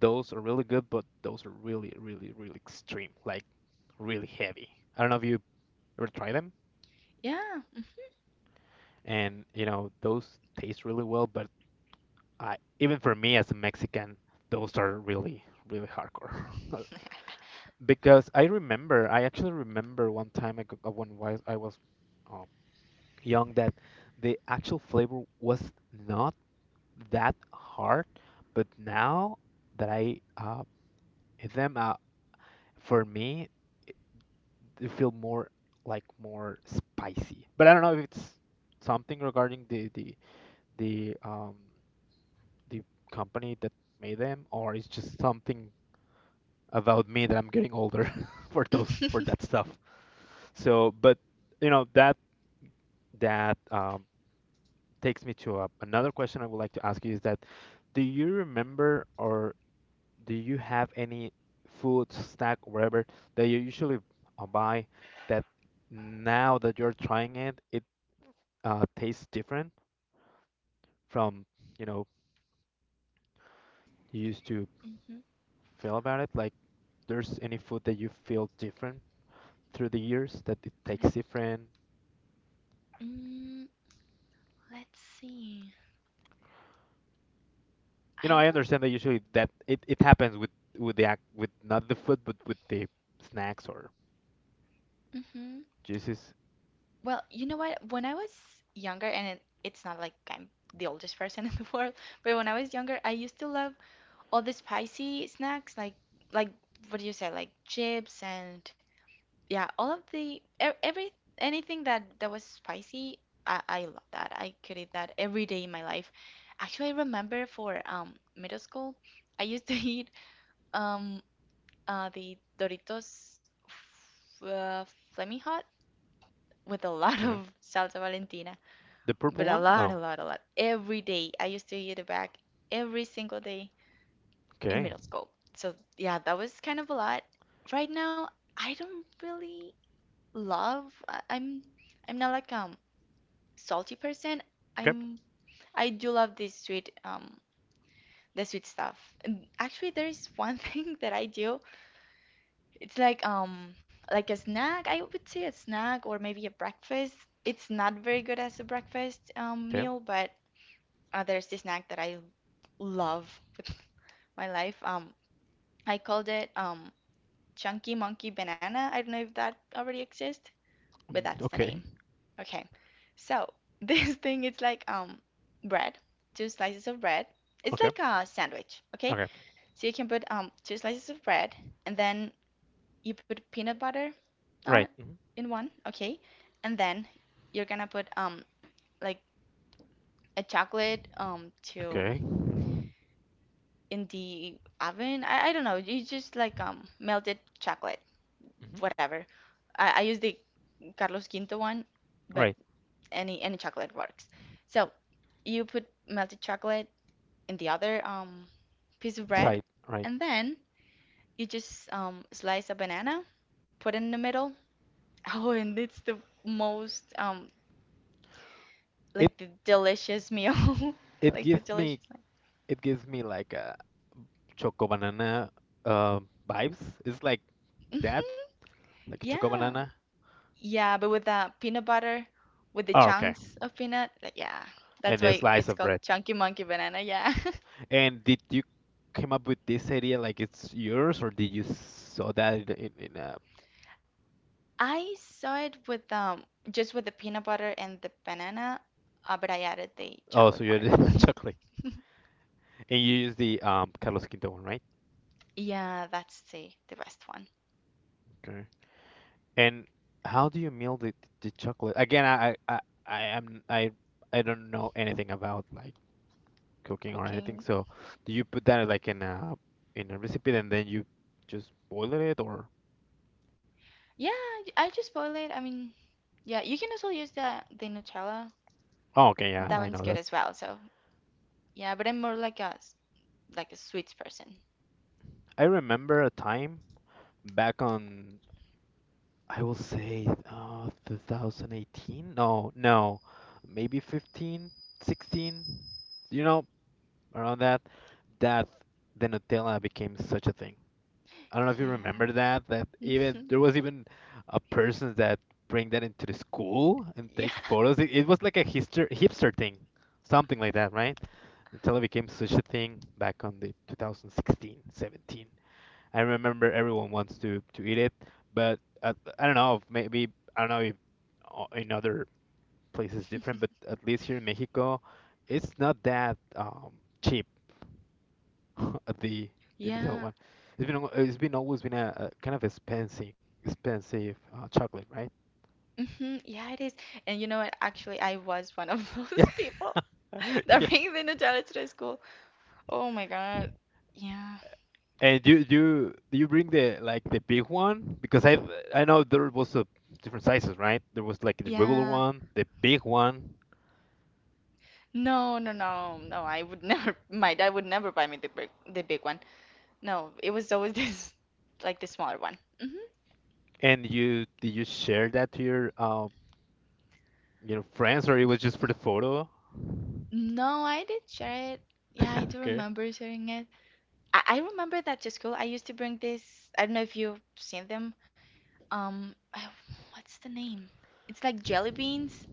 Speaker 1: Those are really good, but those are really, really, really extreme, like really heavy. I don't know if you ever try them,
Speaker 2: Yeah.
Speaker 1: and you know those taste really well, but I, even for me as a Mexican, those are really, really hardcore. Because I remember, I actually remember one time I, go- uh, when was- I was uh, young, that the actual flavor was not that hard. But now that I uh, eat them, uh, for me, they feel more like more spicy. But I don't know if it's something regarding the the the um the company that made them, or it's just something about me that I'm getting older for those for that stuff. So, but you know that that um, takes me to a, another question I would like to ask you is that do you remember or do you have any food snack or whatever that you usually uh, buy that now that you're trying it it uh, tastes different from, you know, you used to
Speaker 2: Mm-hmm.
Speaker 1: feel about it, like there's any food that you feel different through the years that it
Speaker 2: That
Speaker 1: takes
Speaker 2: I,
Speaker 1: different.
Speaker 2: mm, let's see.
Speaker 1: You know,
Speaker 2: I
Speaker 1: I
Speaker 2: don't.
Speaker 1: understand that usually that it, it happens with with the act with not the food, but with the snacks or
Speaker 2: Hmm.
Speaker 1: juices.
Speaker 2: Well, you know what? When I was younger, and it, it's not like I'm the oldest person in the world, but when I was younger, I used to love all the spicy snacks, like like what do you say, like chips and, yeah, all of the e- every, anything that that was spicy, I I love that. I could eat that every day in my life. Actually, I remember for um middle school, I used to eat um uh the Doritos f- uh, Flaming Hot with a lot of salsa Valentina,
Speaker 1: The purple
Speaker 2: but a
Speaker 1: one?
Speaker 2: lot, a
Speaker 1: No.
Speaker 2: lot, a lot every day. I used to eat it back every single day in
Speaker 1: Okay.
Speaker 2: middle school. So yeah, that was kind of a lot. Right now, I don't really love. I- i'm i'm not like um salty person.
Speaker 1: Okay.
Speaker 2: I'm, I do love this sweet, um the sweet stuff. And actually, there is one thing that I do. It's like, um like a snack, I would say a snack or maybe a breakfast. It's not very
Speaker 1: Mhm.
Speaker 2: good as a breakfast um
Speaker 1: Okay.
Speaker 2: meal, but, uh, there's this snack that I love with my life. um I called it, um chunky monkey banana. I don't know if that already exists, but
Speaker 1: Mm,
Speaker 2: that's the name.
Speaker 1: okay.
Speaker 2: Okay. So this thing, it's like, um bread, two slices of bread. It's
Speaker 1: Okay.
Speaker 2: like a sandwich, okay?
Speaker 1: Okay.
Speaker 2: So you can put um two slices of bread, and then you put peanut butter on it,
Speaker 1: Right. Mhm.
Speaker 2: in one, okay? And then you're gonna put um like a chocolate um to
Speaker 1: Okay. Mhm.
Speaker 2: in the oven. I, I don't know, you just like um melted chocolate, whatever. I, I use the Carlos Quinto one, but
Speaker 1: Right.
Speaker 2: any any chocolate works. So you put melted chocolate in the other, um, piece of bread,
Speaker 1: Side. Right.
Speaker 2: and then you just, um, slice a banana, put it in the middle. Oh, and it's the most, um,
Speaker 1: It
Speaker 2: like, the delicious meal,
Speaker 1: it
Speaker 2: like the
Speaker 1: gives
Speaker 2: delicious.
Speaker 1: me it gives me like a choco banana, uh, vibes. It's like that,
Speaker 2: Hmm.
Speaker 1: like a choco
Speaker 2: Yeah,
Speaker 1: banana.
Speaker 2: yeah, but with the peanut butter, with the
Speaker 1: Oh, okay.
Speaker 2: chunks of peanut, like, yeah, that's
Speaker 1: And a
Speaker 2: why
Speaker 1: slice
Speaker 2: it's
Speaker 1: of
Speaker 2: called
Speaker 1: bread.
Speaker 2: chunky monkey banana. Yeah.
Speaker 1: And did you came up with this idea, like it's yours, or did you saw that in in, in a?
Speaker 2: I saw it with, um just with the peanut butter and the banana, uh, but I added the
Speaker 1: Oh, so
Speaker 2: chocolate
Speaker 1: you had
Speaker 2: part.
Speaker 1: a chocolate, and you use the um Carlos Quinto one, right?
Speaker 2: Yeah, that's the the best one.
Speaker 1: Okay. And how do you mill the the chocolate? Again, I I I am I I don't know anything about like cooking or anything.
Speaker 2: Cooking.
Speaker 1: So, do you put that like in a in a recipe and then you just boil it, or?
Speaker 2: Yeah, I just boil it. I mean, yeah, you can also use the the Nutella.
Speaker 1: Oh, okay, yeah,
Speaker 2: That
Speaker 1: I
Speaker 2: one's
Speaker 1: know
Speaker 2: good
Speaker 1: that.
Speaker 2: as well. So yeah, but I'm more like a s- like a sweets person.
Speaker 1: I remember a time back on, I will say uh two thousand eighteen. No, no. Maybe fifteen, sixteen. You know, around that that the Nutella became such a thing. I don't know if you
Speaker 2: Yeah.
Speaker 1: remember that, that even
Speaker 2: Mhm.
Speaker 1: there was even a person that bring that into the school and
Speaker 2: Yeah.
Speaker 1: take photos. It, it was like a hipster hipster thing, something like that, right? Until it became such a thing back on the two thousand sixteen, seventeen. I remember everyone wants to to eat it, but at, I don't know, maybe I don't know if o- in other places different, but at least here in Mexico, it's not that um, cheap. At the the Nutella
Speaker 2: Yeah.
Speaker 1: one. It's been al- it's been always been a, a kind of expensive expensive uh, chocolate, right?
Speaker 2: Hmm. Yeah, it is. And you know what? Actually, I was one of
Speaker 1: Yeah,
Speaker 2: those people
Speaker 1: yeah.
Speaker 2: that bring the Nutella to the school. Oh my God. Yeah.
Speaker 1: And you you do you bring the like the big one? Because I I know there was a different sizes, right? There was like the regular
Speaker 2: Yeah.
Speaker 1: one, the big one,
Speaker 2: No, no, no, no. I would never. My dad would never buy me the big, the big one. No, it was always this, like the smaller one. Hmm.
Speaker 1: and you did you share that to your uh you know friends, or it was just for the photo?
Speaker 2: No, I did share it. Yeah, I do
Speaker 1: Okay.
Speaker 2: remember sharing it. I, I remember that to school I used to bring this. I don't know if you've seen them. Um, I- what's the name? It's like jelly beans,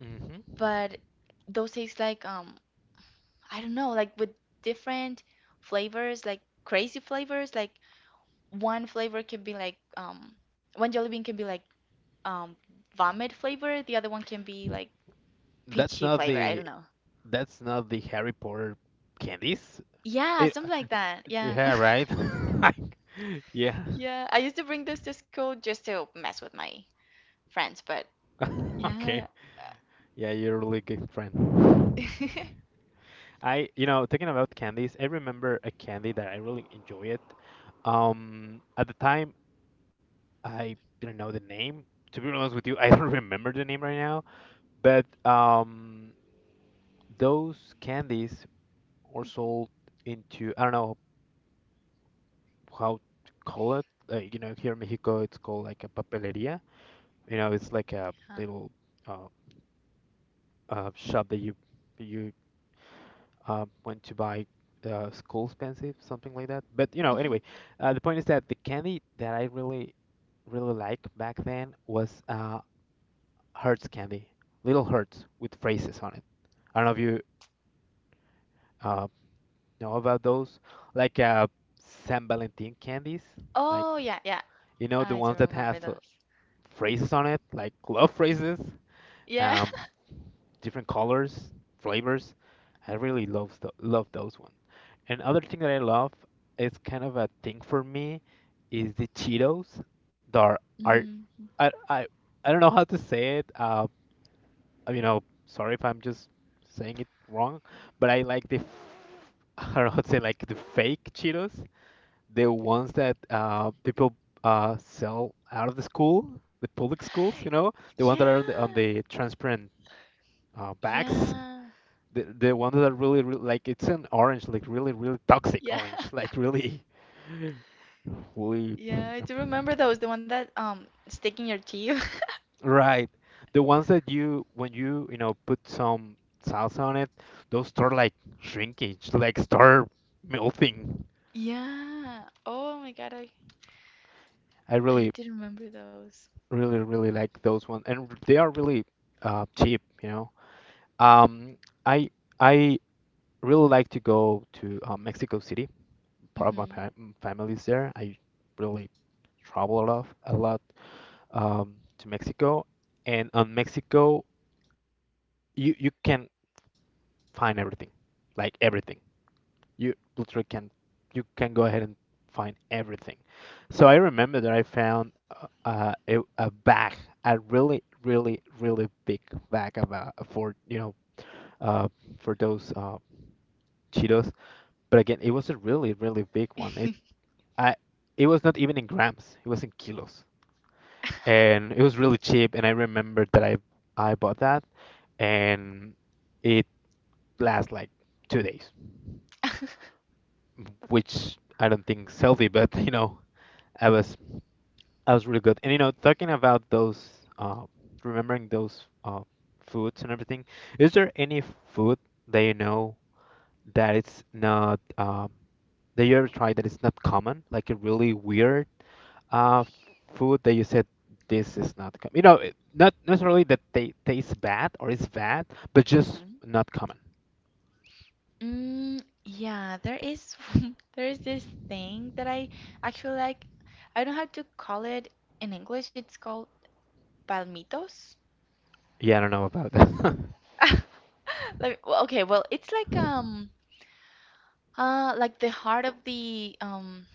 Speaker 1: Hmm.
Speaker 2: but those taste like um, I don't know, like with different flavors, like crazy flavors, like one flavor can be like um one jelly bean can be like um vomit flavor, the other one can be like
Speaker 1: That's
Speaker 2: peachy
Speaker 1: not
Speaker 2: flavor. I
Speaker 1: the,
Speaker 2: don't know.
Speaker 1: that's not the Harry Potter candies.
Speaker 2: Yeah, something like that. Yeah.
Speaker 1: Yeah, right. Yeah.
Speaker 2: Yeah, I used to bring this to school just to mess with my friends, but yeah.
Speaker 1: Okay. Yeah, you're a really good friend.
Speaker 2: Huh.
Speaker 1: I, you know, talking about candies, I remember a candy that I really enjoy it. Um, at the time, I didn't know the name. To be honest with you, I don't remember the name right now. But um, those candies are sold into, I don't know how to call it. Like, you know, here in Mexico, it's called like a papelería. You know, it's like a little uh, uh, shop that you you uh, went to buy uh, school expensive, something like that. But you know,
Speaker 2: Mhm.
Speaker 1: anyway, uh, the point is that the candy that I really really liked back then was uh, Hertz candy, little Hertz with phrases on it. I don't know if you uh, know about those, like uh, San Valentin candies, like
Speaker 2: Oh, yeah, yeah.
Speaker 1: you know the
Speaker 2: I do
Speaker 1: ones that
Speaker 2: remember
Speaker 1: have uh,
Speaker 2: those.
Speaker 1: phrases on it, like love phrases.
Speaker 2: Yeah.
Speaker 1: Um, different colors, flavors. I really love th- love those ones. And other thing that I love, is kind of a thing for me, is the Cheetos. That are, are
Speaker 2: Mhm.
Speaker 1: I, I I don't know how to say it. Uh, you know, sorry if I'm just saying it wrong, but I like the f- I don't know how to say like the fake Cheetos, the ones that uh people uh sell out of the school, the public schools. You know, the ones that are on the on
Speaker 2: Yeah.
Speaker 1: the transparent uh, bags.
Speaker 2: Yeah.
Speaker 1: The the one that are really, really, like it's an orange, like really, really toxic
Speaker 2: Yeah.
Speaker 1: orange, like really, really.
Speaker 2: Yeah, I do
Speaker 1: Yeah.
Speaker 2: remember those. The one that um stick in your teeth.
Speaker 1: Right. The ones that you, when you you know put some sauce on it, those start like shrinking, like start melting.
Speaker 2: Yeah. Oh my God, I
Speaker 1: I really,
Speaker 2: I did remember those.
Speaker 1: really, really like those ones, and r- they are really uh, cheap. You know, um, I I really like to go to uh, Mexico City. Part of my
Speaker 2: Mhm.
Speaker 1: fa- m- family is there. I really travel a lot, a lot um, to Mexico, and on Mexico you you can find everything, like everything. You literally can you can go ahead and find everything. So I remember that I found uh, uh, a, a bag, a really really really big bag of uh, for you know uh, for those uh, Cheetos. But again, it was a really really big one. It I it was not even in grams. It was in kilos. And it was really cheap, and I remember that I I bought that and it lasts like two days, which I don't think is healthy. But you know, I was I was really good. And you know, talking about those, uh, remembering those uh, foods and everything, is there any food that you know that it's not um, that you ever tried that it's not common, like a really weird uh food that you said this is not com you know, it- not necessarily that they taste bad or it's bad, but just
Speaker 2: Mhm.
Speaker 1: not common.
Speaker 2: Mm, yeah, there is there is this thing that I actually like. I don't know how to call it in English. It's called palmitos.
Speaker 1: Yeah, I don't know about that.
Speaker 2: Like, well, okay, well, it's like um uh like the heart of the um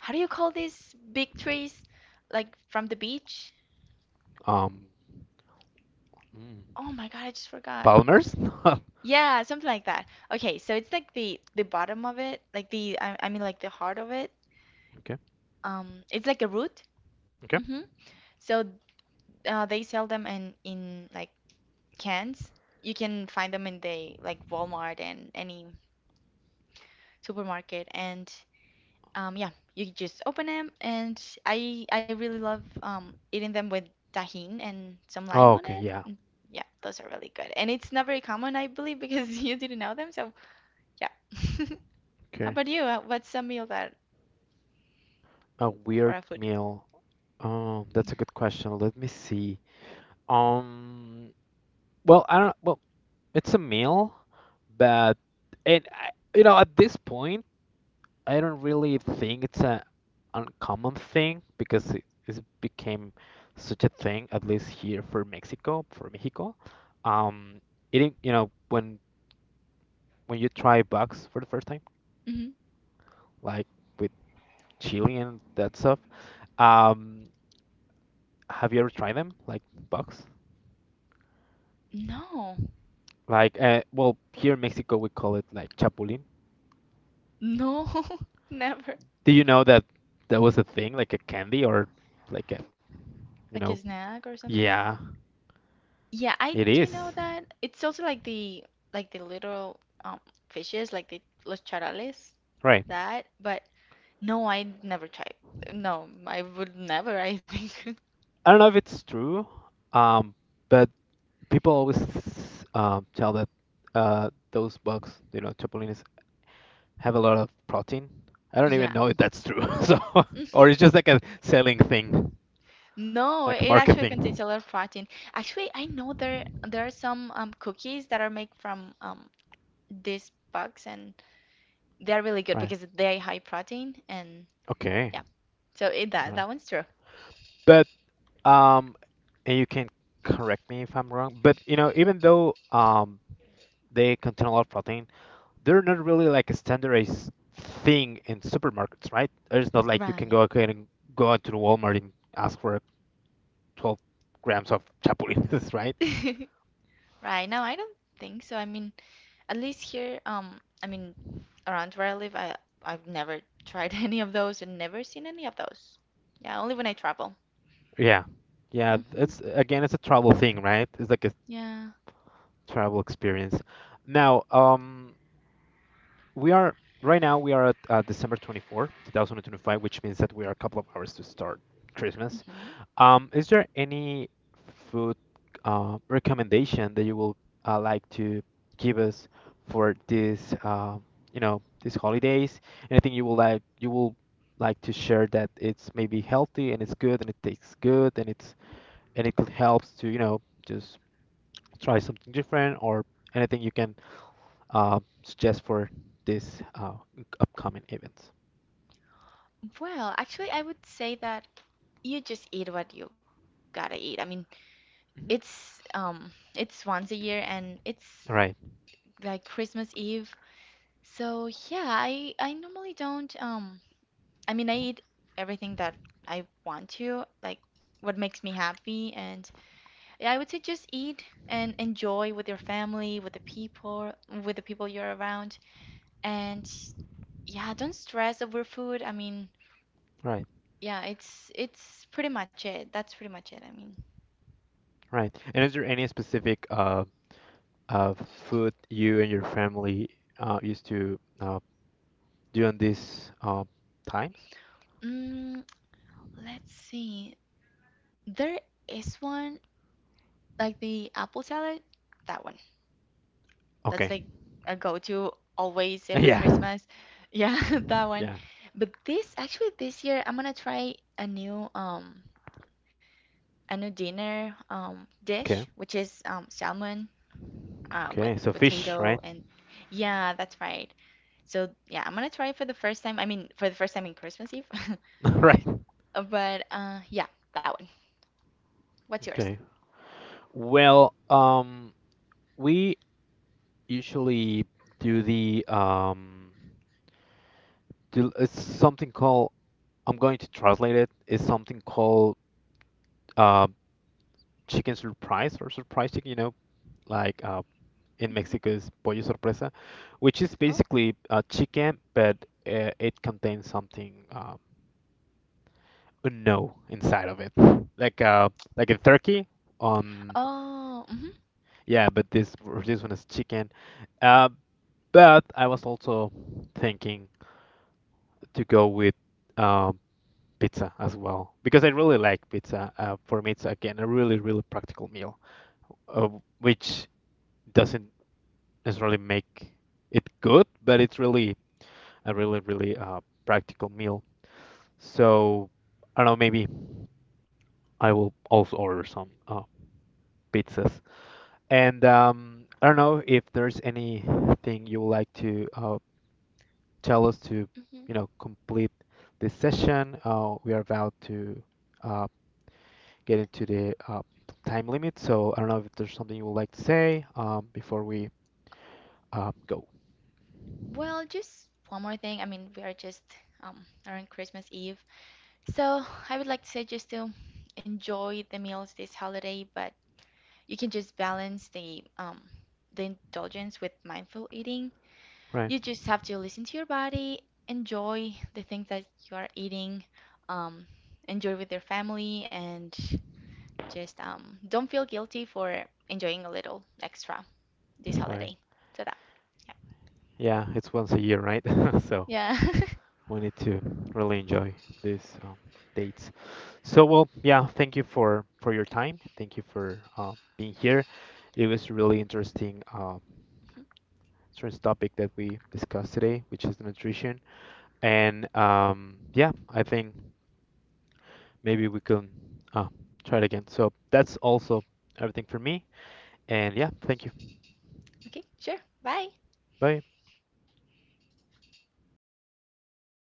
Speaker 2: how do you call these big trees like from the beach?
Speaker 1: Um, mm,
Speaker 2: Oh my God, I just forgot.
Speaker 1: Palmer's?
Speaker 2: Yeah, something like that. Okay, so it's like the the bottom of it, like the I, I mean like the heart of it.
Speaker 1: Okay.
Speaker 2: Um, it's like a root.
Speaker 1: Okay.
Speaker 2: Hmm So uh, they sell them in in like cans. You can find them in the like Walmart and any supermarket. And um, yeah, you just open them. And I I really love um eating them with tahine and some
Speaker 1: Oh,
Speaker 2: lime on
Speaker 1: okay.
Speaker 2: it.
Speaker 1: Yeah.
Speaker 2: Mm, yeah, those are really good. And it's not very common, I believe, because you didn't know them. So yeah. How
Speaker 1: Okay.
Speaker 2: about you? Uh, What's a meal that
Speaker 1: A
Speaker 2: or
Speaker 1: weird
Speaker 2: a food?
Speaker 1: meal. Um,
Speaker 2: Yeah.
Speaker 1: that's a good question. Let me see. Um, well, I don't. Well, it's a meal, but and I, you know, at this point, I don't really think it's a uncommon thing because it, it became such a thing, at least here for Mexico, for Mexico. Um, eating, you know, when when you try bugs for the first time,
Speaker 2: hmm
Speaker 1: like. With chili and that stuff. Um, have you ever tried them, like bugs?
Speaker 2: No,
Speaker 1: Like, uh, well, here in Mexico we call it like chapulín.
Speaker 2: no, never.
Speaker 1: Did you know that that was a thing, like a candy or like a,
Speaker 2: Like
Speaker 1: you
Speaker 2: a
Speaker 1: know,
Speaker 2: snack or something.
Speaker 1: yeah,
Speaker 2: Yeah, I
Speaker 1: it
Speaker 2: do know
Speaker 1: is.
Speaker 2: that. It's also like the like the little um fishes, like the los charales,
Speaker 1: Right.
Speaker 2: that. But no, I never tried. No, I would never. I think.
Speaker 1: I don't know if it's true, um, but people always um, tell that uh, those bugs, you know, chapulines have a lot of protein. I don't even
Speaker 2: Yeah.
Speaker 1: know if that's true. So, or
Speaker 2: hmm
Speaker 1: it's just like a selling thing,
Speaker 2: No,
Speaker 1: like a
Speaker 2: it actually contains a
Speaker 1: marketing.
Speaker 2: lot of protein. Actually, I know there there are some um cookies that are made from um these bugs and they're really good
Speaker 1: Right.
Speaker 2: because they're high protein and
Speaker 1: Okay.
Speaker 2: yeah. So it,
Speaker 1: All
Speaker 2: that
Speaker 1: right.
Speaker 2: that one's true.
Speaker 1: But um, and you can correct me if I'm wrong, but you know, even though um they contain a lot of protein, they're not really like a standardized thing in supermarkets, right? It's not like you can
Speaker 2: Right.
Speaker 1: go ahead and go out to the Walmart and ask for twelve grams of chapulines, right?
Speaker 2: Right. No, I don't think so. I mean, at least here, um, I mean, around where I live, I I've never tried any of those and never seen any of those. Yeah, only when I travel.
Speaker 1: Yeah. Yeah,
Speaker 2: Hmm
Speaker 1: it's again, it's a travel thing, right? It's like a
Speaker 2: Yeah.
Speaker 1: travel experience. Now, um, we are right now we are at uh, December twenty-four, two thousand twenty-five, which means that we are a couple of hours to start Christmas.
Speaker 2: hmm
Speaker 1: Um, is there any food uh, recommendation that you will uh, like to give us for this, um you know, these holidays? Anything you will like you will like to share that it's maybe healthy and it's good and it tastes good and it's and it could helps to, you know, just try something different or anything you can uh, suggest for this uh, upcoming events.
Speaker 2: Well, actually, I would say that you just eat what you gotta eat. I mean,
Speaker 1: Mhm.
Speaker 2: it's um, it's once a year and it's
Speaker 1: All right.
Speaker 2: like Christmas Eve. So yeah, I I normally don't um I mean I
Speaker 1: Mhm. All
Speaker 2: eat everything that I want to, like what makes me happy and yeah, I would say just eat and enjoy with your family, with the people, with the people you're around and yeah, don't stress over food. I mean,
Speaker 1: right.
Speaker 2: yeah, it's it's pretty much it. That's pretty much it. I mean,
Speaker 1: All right. And is there any specific uh, uh, food you and your family uh, used to uh, do on these uh, times?
Speaker 2: mm, let's see. There is one like the apple salad, that one. That's
Speaker 1: Okay.
Speaker 2: like a go-to always every
Speaker 1: Yeah.
Speaker 2: Christmas. Yeah, that one.
Speaker 1: Yeah.
Speaker 2: But this actually this year I'm gonna try a new um a new dinner um
Speaker 1: Okay.
Speaker 2: dish, which is um salmon uh with
Speaker 1: Okay. So fish,
Speaker 2: potato
Speaker 1: right?
Speaker 2: and yeah, that's right. So yeah, I'm gonna try it for the first time. I mean, for the first time in Christmas Eve.
Speaker 1: Right.
Speaker 2: Uh, but uh yeah, that one. What's yours?
Speaker 1: Okay. Well, um, we usually do the um, do it's something called I'm going to translate it. It's something called uh, chicken surprise or surprise chicken, you know, like uh, in
Speaker 2: Hmm
Speaker 1: Mexico is pollo sorpresa, which is
Speaker 2: Oh.
Speaker 1: basically uh, chicken, but uh, it contains something uh, unknown inside of it, like uh, like a turkey. Um,
Speaker 2: Oh. hmm
Speaker 1: yeah, but this this one is chicken. Uh, but I was also thinking to go with um, pizza as well because I really like pizza. Uh, for me, it's again a really really practical meal, uh, which doesn't necessarily make it good, but it's really a really, really uh, practical meal. So I don't know, maybe I will also order some uh, pizzas. And um, I don't know if there's anything you would like to uh, tell us to,
Speaker 2: hmm
Speaker 1: you know, complete this session. Uh, we are about to uh, get into the uh, time limit, so I don't know if there's something you would like to say um, before we uh, go.
Speaker 2: Well, just one more thing. I mean, we are just um around Christmas Eve, so I would like to say just to enjoy the meals this holiday, but you can just balance the um the indulgence with mindful eating.
Speaker 1: Right,
Speaker 2: You just have to listen to your body, enjoy the things that you are eating, um, enjoy with your family, and just um don't feel guilty for enjoying a little extra this
Speaker 1: right.
Speaker 2: holiday. So that,
Speaker 1: Yeah, it's once a year, right? So.
Speaker 2: yeah, yeah.
Speaker 1: We need to really enjoy these um, dates. So, well, yeah, thank you for for your time. Thank you for uh, being here. It was really interesting uh, interesting topic that we discussed today, which is the nutrition. And um, yeah, I think maybe we can uh, try it again. So that's also everything for me. And yeah, thank you.
Speaker 2: Okay, sure. Bye.
Speaker 1: Bye.